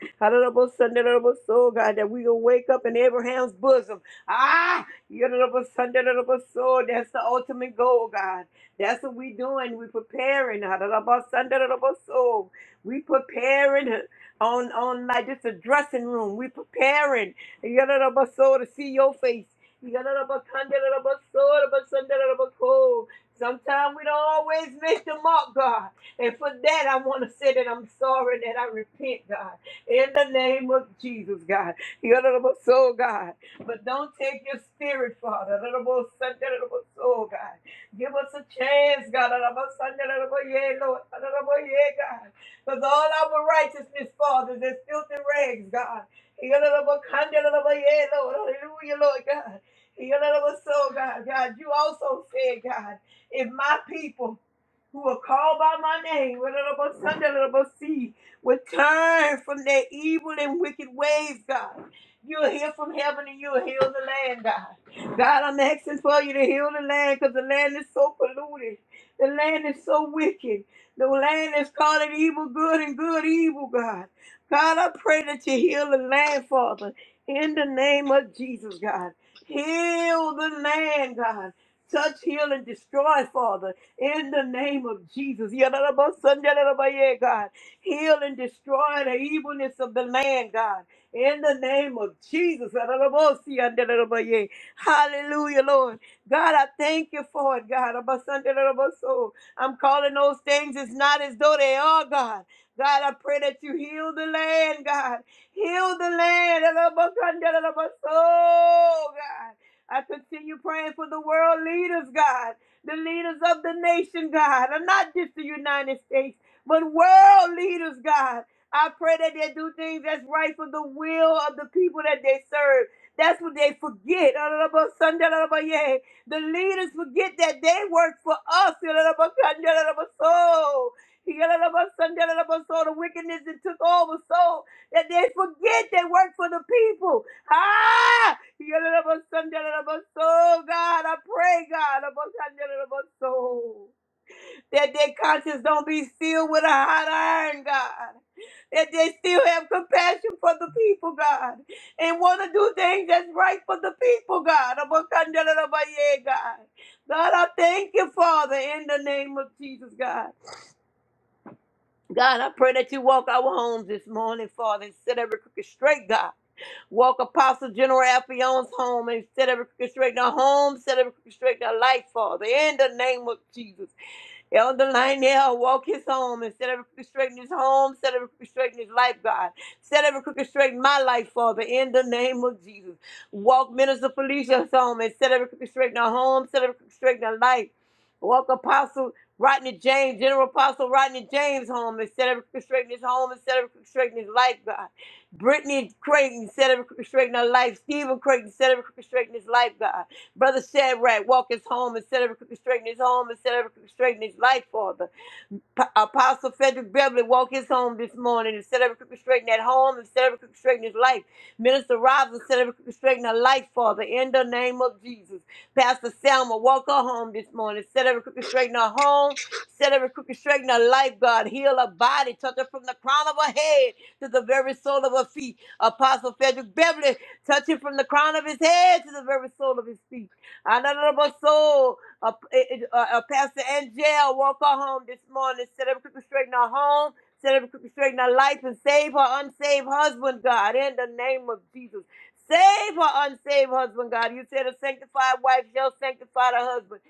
C: soul, God, that we will wake up in Abraham's bosom. Ah, soul. that's the ultimate goal, God. That's what we doing. We preparing. soul. We preparing on on like just a dressing room. We preparing. Yararabaso, to see your face. Yararabakandarabaso, rabasandarabaso. Sometimes we don't always miss the mark, God. And for that, I want to say that I'm sorry and that I repent, God. In the name of Jesus, God. Yararabaso, God. But don't take your spirit, Father. Yararabasandarabaso, God. Give us a chance, God. yeah, Lord. Yararabaye, God. Because all our righteousness, Father, is filthy rags, God. Yeah, Lord. Hallelujah, Lord God. So, God, God, you also said, God, if my people who are called by my name see, would turn from their evil and wicked ways, God. You'll hear from heaven and you'll heal the land, God. God, I'm asking for you to heal the land because the land is so polluted. The land is so wicked. The land is calling evil good and good evil, God. God, I pray that you heal the land, Father, in the name of Jesus, God. Heal the land, God. Touch, heal, and destroy, Father, in the name of Jesus. Yadadabasanjadadabaye, God. Heal and destroy the evilness of the land, God. In the name of Jesus. Yadadabosiyandadadabaye. Hallelujah, Lord. God, I thank you for it, God. Abasandadadabaso. I'm calling those things as not as though they are, God. God, I pray that you heal the land, God. Heal the land. Oh, God. I continue praying for the world leaders, God. The leaders of the nation, God. And not just the United States, but world leaders, God. I pray that they do things that's right for the will of the people that they serve. That's what they forget. The leaders forget that they work for us. So so the wickedness that took over so that they forget they work for the people. Ah! So God, I pray, God, so that their conscience don't be sealed with a hot iron, God. That they still have compassion for the people, God, and want to do things that's right for the people, God. God, I thank you, Father, in the name of Jesus, God. God, I pray that you walk our homes this morning, Father, and set every crooked straight, God. Walk Apostle General Alphion's home and set every crooked straight in our home, set every crooked straight in our life, Father, in the name of Jesus. Elder Lionel, walk his home and set every crooked straight in his home, set every crooked straight in his life, God. Set every crooked straight in my life, Father, in the name of Jesus. Walk Minister Felicia's home and set every crooked straight in her home, set every crooked straight in her life. Walk Apostle Rodney James, General Apostle Rodney James home and set every crooked straight in his home and set every crooked straight in his life, God. Brittany Creighton set every crooked straight in her life. Stephen Creighton set every crooked straight in his life, God. Brother Shadrach, walk his home instead of straightening his home instead of straightening his life, Father. P- Apostle Frederick Beverly walk his home this morning and set every crooked straight in that home and set every crooked straight in his life. Minister Robinson set every crooked straight in her life, Father, in the name of Jesus. Pastor Selma walk her home this morning, set every crooked straight in her home, set every crooked straight in her life, God. Heal her body, touch her from the crown of her head to the very sole of her feet. Apostle Frederick Beverly touch him from the crown of his head to the very sole of his feet. Another soul. Uh, it- it- uh, uh, Pastor Angel woke her home this morning, set up crooked straight in her home, set up crooked straight in her life, and save her unsaved husband, God, in the name of Jesus. Save her unsaved husband, God. You said a sanctified wife shall sanctify the husband.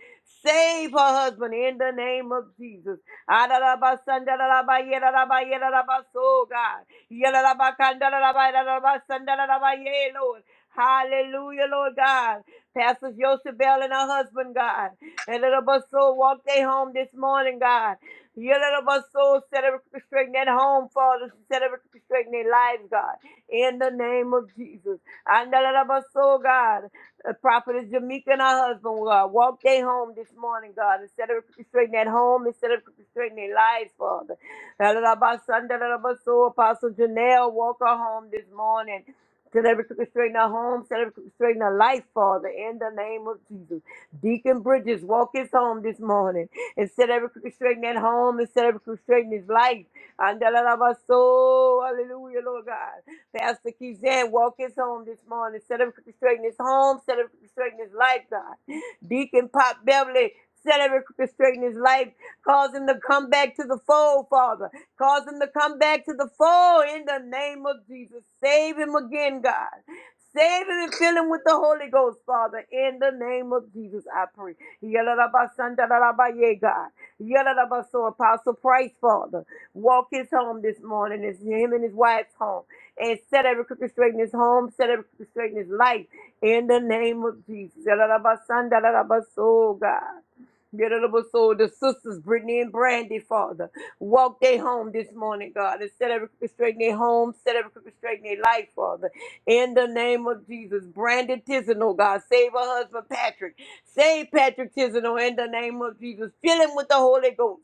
C: Save her husband in the name of Jesus. Adaraba, sandaraba, yedaraba, yedaraba, so God. Yedaraba, kandaraba, yedaraba, sandaraba, yea, Lord. Hallelujah, Lord God. Pastor Josabel and her husband, God. And little bus soul walked they home this morning, God. Your little bus soul set up restraining that home, Father. Set up restraining their lives, God. In the name of Jesus. And the little bus soul, God. The prophetess Jamaica and her husband, God. Walked they home this morning, God. Instead of restraining that home, instead of restraining their lives, Father. That little bus son, that little bus soul, Apostle Janelle, walk her home this morning. Set every crooked straight in our home. Set every crooked straight in our life, Father, in the name of Jesus. Deacon Bridges, walk his home this morning and set every crooked straight in that home and set every crooked straight in his life. And da la la ba so, hallelujah, Lord God. Pastor Kizan, walk his home this morning. Set every crooked straight in his home. Set every crooked straight in his life, God. Deacon Pop Beverly, set every crooked straight in his life. Cause him to come back to the fold, Father. Cause him to come back to the fold in the name of Jesus. Save him again, God. Save him and fill him with the Holy Ghost, Father. In the name of Jesus, I pray. Yalalabasandalabaye, God. Yalalabaso, Apostle Price, Father. Walk his home this morning. It's him and his wife's home. And set every crooked straight in his home. Set every crooked straight in his life. In the name of Jesus. Yalalabasandalabaso, God. Yalalabaso, The sisters, Brittany and Brandy, Father. Walk their home this morning, God, and set every crooked straight in their home, set every crooked straight in their life, Father. In the name of Jesus, Brandon Tisanel, God, save her husband Patrick. Save Patrick Tisanel in the name of Jesus. Fill him with the Holy Ghost.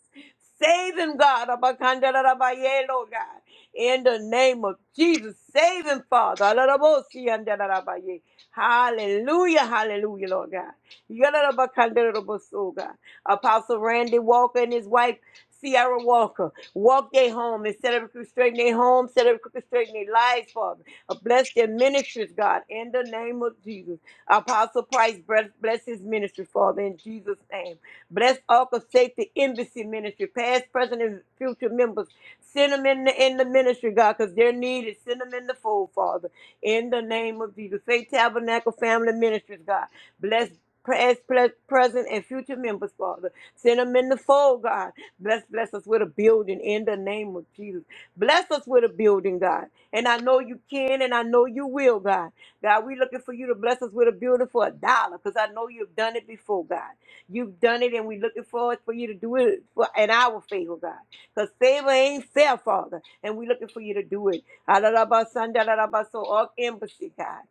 C: Save him, God. Abakandarabaye, Lord God. In the name of Jesus, save him, Father. Alarabosi andarabaye. Hallelujah, hallelujah, Lord God. Yadadabakandarobosoga. Apostle Randy Walker and his wife, Sierra Walker, walk their home and set up crooked straight in their home, set up crooked straight in their lives, Father. Uh, Bless their ministries, God, in the name of Jesus. Apostle Price, bless bless his ministry, Father, in Jesus' name. Bless Arca Safety Embassy Ministry, past, present, and future members. Send them in the, in the ministry, God, because they're needed. Send them in the fold, Father. In the name of Jesus. Faith Tabernacle Family Ministries, God. Bless past, pres- present, and future members, Father. Send them in the fold, God. Bless, bless us with a building in the name of Jesus. Bless us with a building, God. And I know you can, and I know you will, God. God, we looking for you to bless us with a building for a dollar, because I know you've done it before, God. You've done it, and we're looking forward for you to do it for in our favor, God. Because favor ain't fair, Father, and we're looking for you to do it. Adalabasan, dadalabaso, All embassy, God.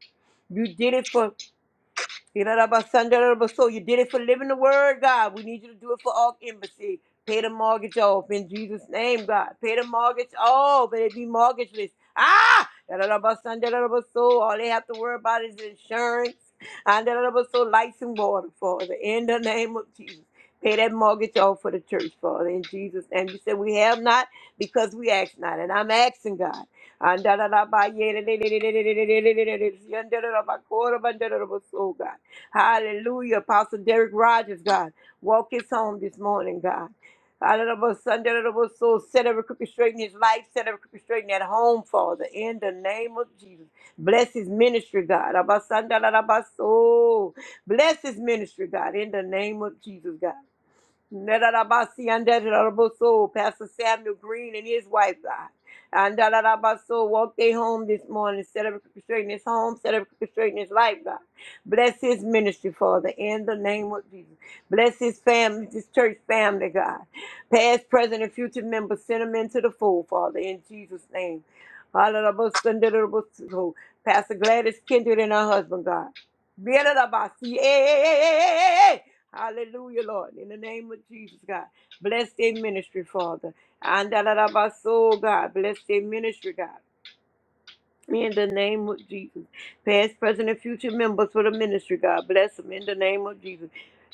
C: You did it for so you did it for living the word, God. We need you to do it for all embassy. Pay the mortgage off in Jesus' name, God. Pay the mortgage off, and it be mortgageless. Ah, so all they have to worry about is insurance and so lights and water, Father. In the name of Jesus, pay that mortgage off for the church, Father. In Jesus' name, you said we have not because we ask not, and I'm asking God. And so God. Hallelujah. Apostle Derek Rogers, God. Walk his home this morning, God. Hallelujah. Sunday, hallelujah. So set every crooked straight in his life. Set every crooked straight in that home, Father. In the name of Jesus. Bless his ministry, God. Abba, Sunday, hallelujah. So Bless his ministry, God. In the name of Jesus, God. Nedarabasi and Dadaraboso, Pastor Samuel Green and his wife, God. And Dadarabaso, walk their home this morning, set up straighten his home, set up straighten his life, God. Bless his ministry, Father, in the name of Jesus. Bless his family, his church family, God. Past, present, and future members, send them into the fold, Father, in Jesus' name. Dadaraboso, Dadaraboso. Pastor Gladys Kindred and her husband, God. Dadaraboso. Yeah, yeah, yeah, yeah, yeah, yeah. Hallelujah, Lord. In the name of Jesus, God. Bless their ministry, Father. And da da da ba so, God. Bless their ministry, God. In the name of Jesus. Past, present, and future members for the ministry, God bless them. In the name of Jesus.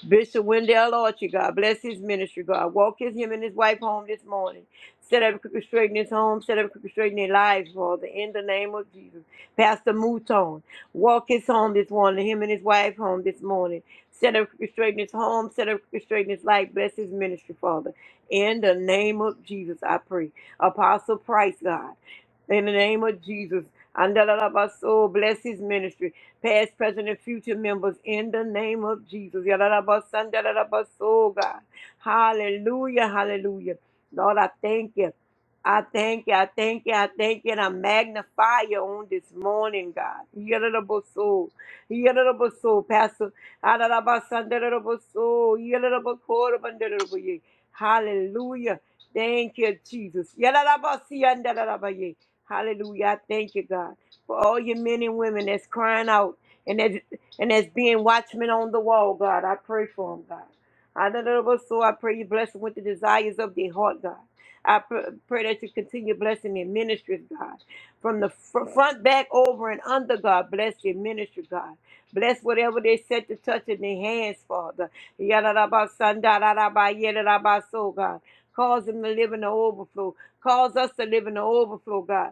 C: Bishop Wendell Archie, God bless his ministry, God. Walk his him and his wife home this morning. Set up crooked straight in his home. Set up crooked straight in their lives, Father. In the name of Jesus. Pastor Mouton, walk his home this morning. Him and his wife home this morning. Set up crooked straight in his home. Set up crooked straight in his life. Bless his ministry, Father. In the name of Jesus, I pray. Apostle Price, God. In the name of Jesus. Andalabaso, bless his ministry, past, present, and future members in the name of Jesus. Yalalabaso, andalabaso, God. Hallelujah, hallelujah. Lord, I thank you. I thank you, I thank you, I thank you, and I magnify you on this morning, God. Yalalabaso, yalalabaso, Pastor. Andalabaso, andalabaso, yalalabakoro, andalabaye. Hallelujah. Thank you, Jesus. Yalalabasi, andalabaye. Hallelujah. I thank you, God, for all your men and women that's crying out and that's, and that's being watchmen on the wall, God. I pray for them, God. Hallelujah. So I pray you bless them with the desires of their heart, God. I pr- pray that you continue blessing their ministries, God. From the fr- front, back, over, and under, God. Bless your ministry, God. Bless whatever they set to touch in their hands, Father. Yadadabasandaradabayedadabaso, God. Cause them to live in the overflow. Cause us to live in the overflow, God.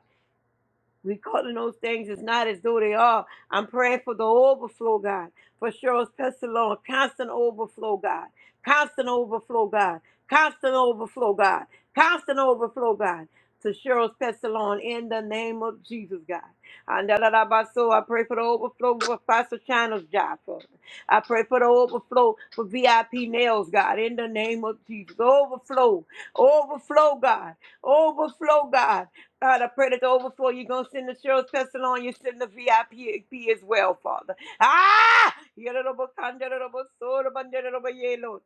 C: We calling those things as not as though they are. I'm praying for the overflow, God. For Cheryl's pestilence, constant overflow, God. Constant overflow, God. Constant overflow, God. Constant overflow, God. To Cheryl's pestilence in the name of Jesus, God. And da- da- da- ba- so I pray for the overflow for Pastor China's job, Father. I pray for the overflow for VIP nails, God, in the name of Jesus. Overflow, overflow, God. Overflow, God. God, I pray that the overflow you're going to send the Cheryl Spencer on, you send the VIP as well, Father. Ah! Yadadabakandaradabasodabandadadabaye, Lord.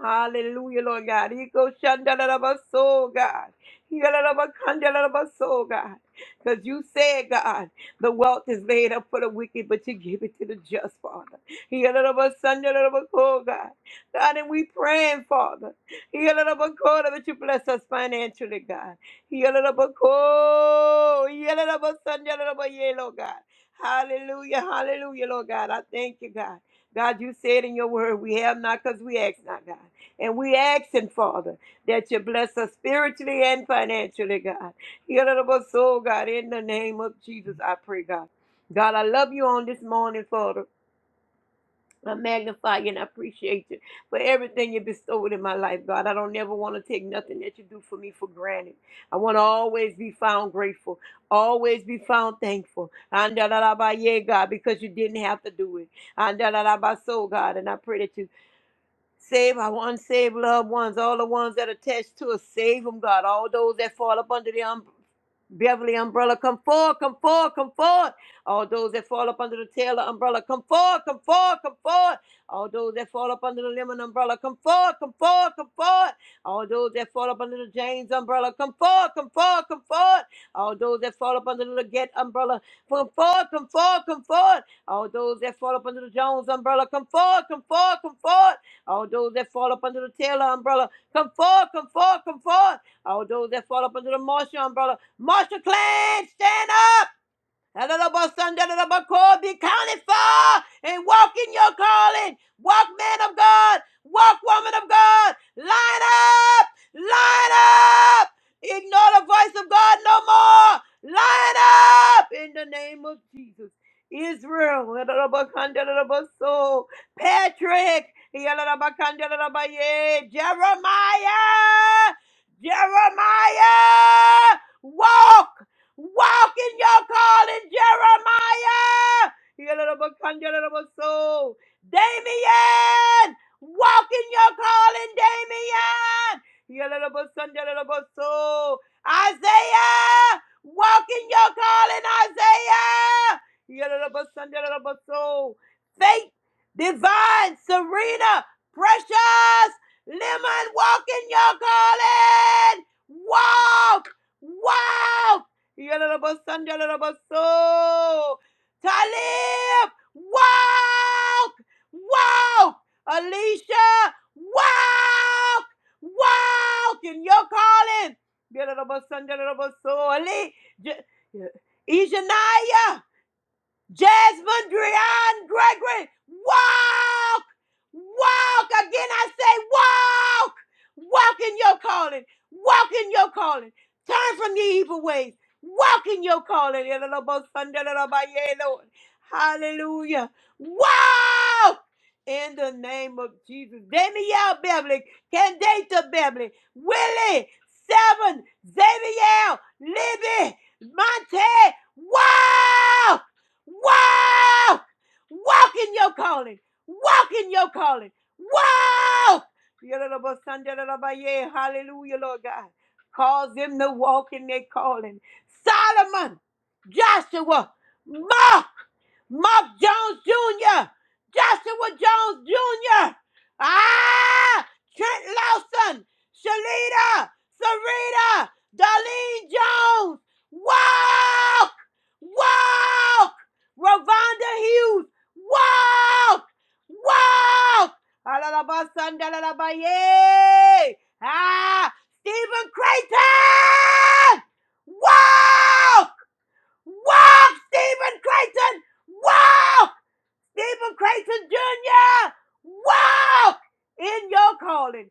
C: Hallelujah, Lord God. Ego shandadadabaso, God. Yadadabakandadadabaso, God. Because you said, God, the wealth is laid up for the wicked, but you give it to the just, Father. Yadadabasandadadabako, God. God, and we praying, Father. Yadadabako, That you bless us financially, God. Yalalabako, yalalabasan, yalalabaye, Lord God. Hallelujah, hallelujah, Lord God. I thank you, God. God, you said in your word, we have not because we ask not, God. And we asking, Father, that you bless us spiritually and financially, God. Yalalabaso, God, in the name of Jesus, I pray, God. God, I love you on this morning, Father. I magnify you and I appreciate you for everything you bestowed in my life, God. I don't never want to take nothing that you do for me for granted. I want to always be found grateful, always be found thankful. Andalaba, Yeah, God, because you didn't have to do it. Andalaba, So, God, and I pray that you save our unsaved loved ones, all the ones that are attached to us. Save them, God. All those that fall up under the umbrella. Beverly umbrella, come forward, come forward, come forward. All those that fall up under the Taylor umbrella, come forward, come forward, come forward. All those that fall up under the Lemon umbrella, come forward, come forward, come forward. All those that fall up under the James umbrella, come forward, come forward, come forward. All those that fall up under the Leggett umbrella, come forward, come forward, come forward. All those that fall up under the Jones umbrella, come forward, come forward, come forward. All those that fall up under the Taylor umbrella, come forward, come forward, come forward. All those that fall up under the Marshall umbrella, Master Clan, stand up. Adalabasandalalabako, Be counted for and walk in your calling. Walk, man of God. Walk, woman of God. Line up. Line up. Ignore the voice of God no more. Line up in the name of Jesus. Israel. Adalabakandalabaso, Patrick. Yalabakandalabaye, Jeremiah. Jeremiah. Walk. Walk in your calling, Jeremiah. Yalalabakanjalalabaso. Damien, walk in your calling, Damien. Yalalabasanjalalabaso. Isaiah, walk in your calling, Isaiah. Yalalabasanjalalabaso. Faith, divine, Serena, precious. Lemon, walk in your calling. Walk, walk. Yalalabasandalalabasoo. Talib, walk, walk. Alicia, walk, walk in your calling. Yalalabasandalalabasoo. Ali, J- Ejaniah. Jasmine Drian Gregory, walk, walk. Again, I say, walk, walk in your calling, walk in your calling. Turn from your evil ways, walk in your calling. Lord. Hallelujah. Walk in the name of Jesus. Danielle Beverly, Candata Beverly, Willie, Seven, Xavier, Libby, Monte, walk. Wow! Walk in your calling. Walk in your calling. Wow! Yalalabasanjalalabaye. Hallelujah, Lord God. Cause them to walk in their calling. Solomon, Joshua, Mark, Mark Jones Jr., Joshua Jones Jr., ah, Trent Lawson, Shalita, Sarita, Darlene Jones, walk, walk. Ravonda Hughes, walk, walk. Alalabasandalabaye. Ah, Stephen Creighton, walk, walk, Stephen Creighton, walk. Stephen Crayson Jr. Walk in your calling.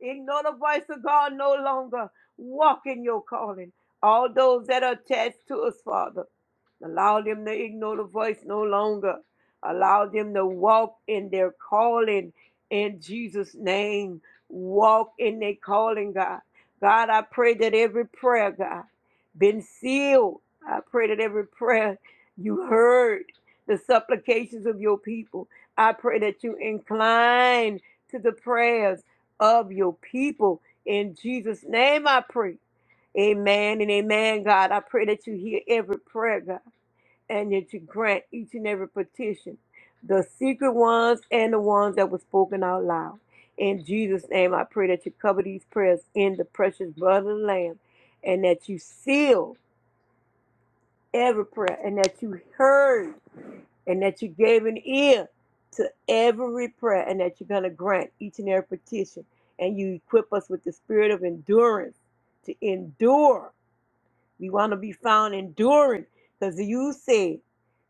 C: Ignore the voice of God no longer. Walk in your calling. All those that are attached to us, Father, allow them to ignore the voice no longer. Allow them to walk in their calling in Jesus' name. Walk in their calling, God. God, I pray that every prayer, God, been sealed. I pray that every prayer you heard the supplications of your people. I pray that you incline to the prayers of your people. In Jesus' name I pray. Amen and amen, God. I pray that you hear every prayer, God, and that you grant each and every petition, the secret ones and the ones that were spoken out loud. In Jesus' name, I pray that you cover these prayers in the precious blood of the Lamb and that you seal every prayer and that you heard and that you gave an ear to every prayer and that you're going to grant each and every petition and you equip us with the spirit of endurance to endure we want to be found enduring because you said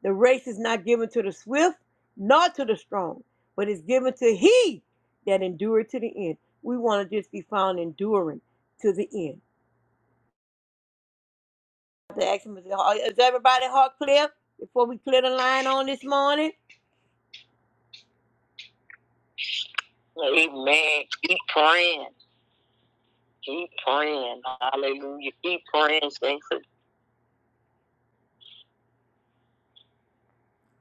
C: the race is not given to the swift nor to the strong but it's given to he that endureth to the end we want to just be found enduring to the end the action is is everybody heart clear before we clear the line on this morning amen keep praying Keep praying. Hallelujah. Keep praying, saints. of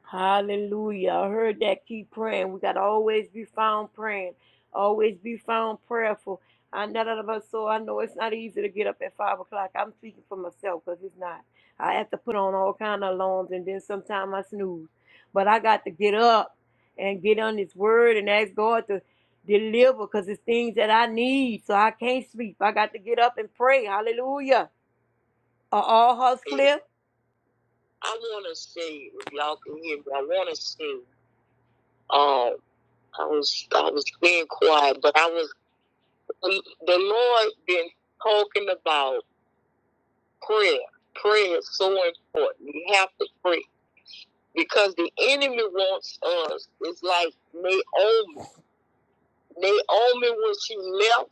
C: Hallelujah. I heard that. Keep praying. We got to always be found praying, always be found prayerful. I know that about so I know it's not easy to get up at five o'clock. I'm speaking for myself because it's not. I have to put on all kind of alarms and then sometimes I snooze. But I got to get up and get on this word and ask God to deliver because it's things that I need. So I can't sleep. I got to get up and pray. Hallelujah. Are all hearts clear? I want to say, if y'all can hear me, I want to say, um, I was I was being quiet, but I was the Lord been talking about prayer. Prayer is so important. You have to pray because the enemy wants us. It's like Naomi. Naomi, when she left,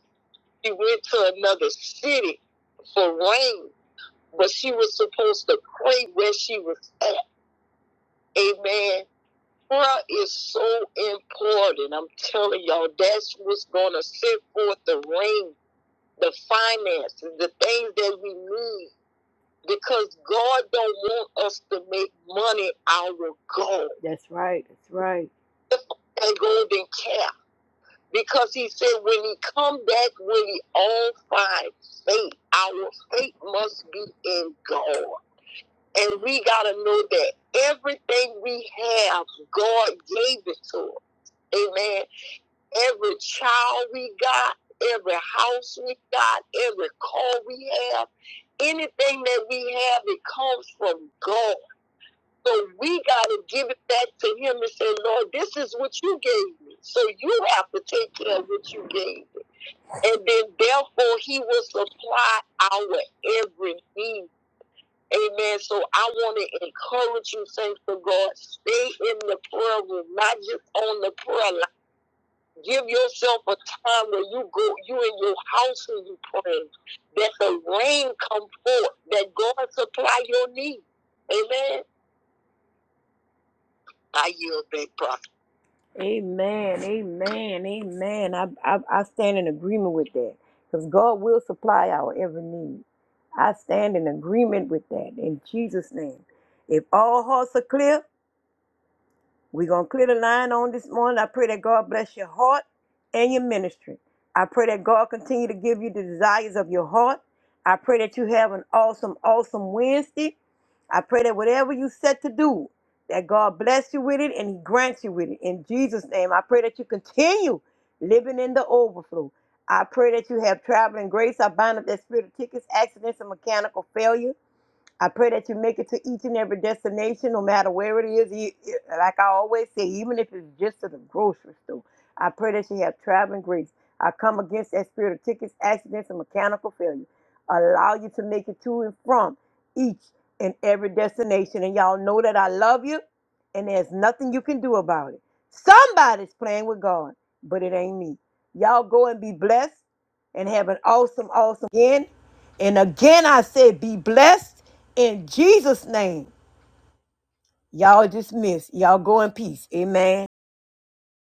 C: she went to another city for rain, but she was supposed to pray where she was at. Amen Prayer is so important. I'm telling y'all, that's what's gonna set forth the ring, the finances, the things that we need. Because God don't want us to make money our goal. That's right. That's right. The golden calf because he said when he come back will he all find faith our faith must be in god and we got to know that everything we have god gave it to us Amen. Every child we got, every house we got, every car we have, anything that we have, it comes from God. So we got to give it back to Him and say, Lord, this is what you gave me. So you have to take care of what you gave me. And then, therefore, He will supply our every need. Amen. So I want to encourage you, saints of God, stay in the prayer room, not just on the prayer line Give yourself a time where you go, you in your house and you pray that the rain come forth, that God supply your need. Amen. I yield back, prophet. Amen. Amen. Amen. I, I, I stand in agreement with that because God will supply our every need. I stand in agreement with that in Jesus' name. If all hearts are clear, We're going to clear the line on this morning. I pray that God bless your heart and your ministry. I pray that God continue to give you the desires of your heart. I pray that you have an awesome, awesome Wednesday. I pray that whatever you set to do, that God bless you with it and He grants you with it. In Jesus' name, I pray that you continue living in the overflow. I pray that you have traveling grace. I bind up that spirit of tickets, accidents, and mechanical failure. I pray that you make it to each and every destination, no matter where it is. You- you- Like I always say, even if it's just to the grocery store, I pray that you have traveling grace. I come against that spirit of tickets, accidents, and mechanical failure. Allow you to make it to and from each and every destination. And y'all know that I love you, and there's nothing you can do about it. Somebody's playing with God, but it ain't me. Y'all go and be blessed and have an awesome, awesome weekend. And again, I said, be blessed in Jesus' name. Y'all dismissed. Y'all go in peace. Amen.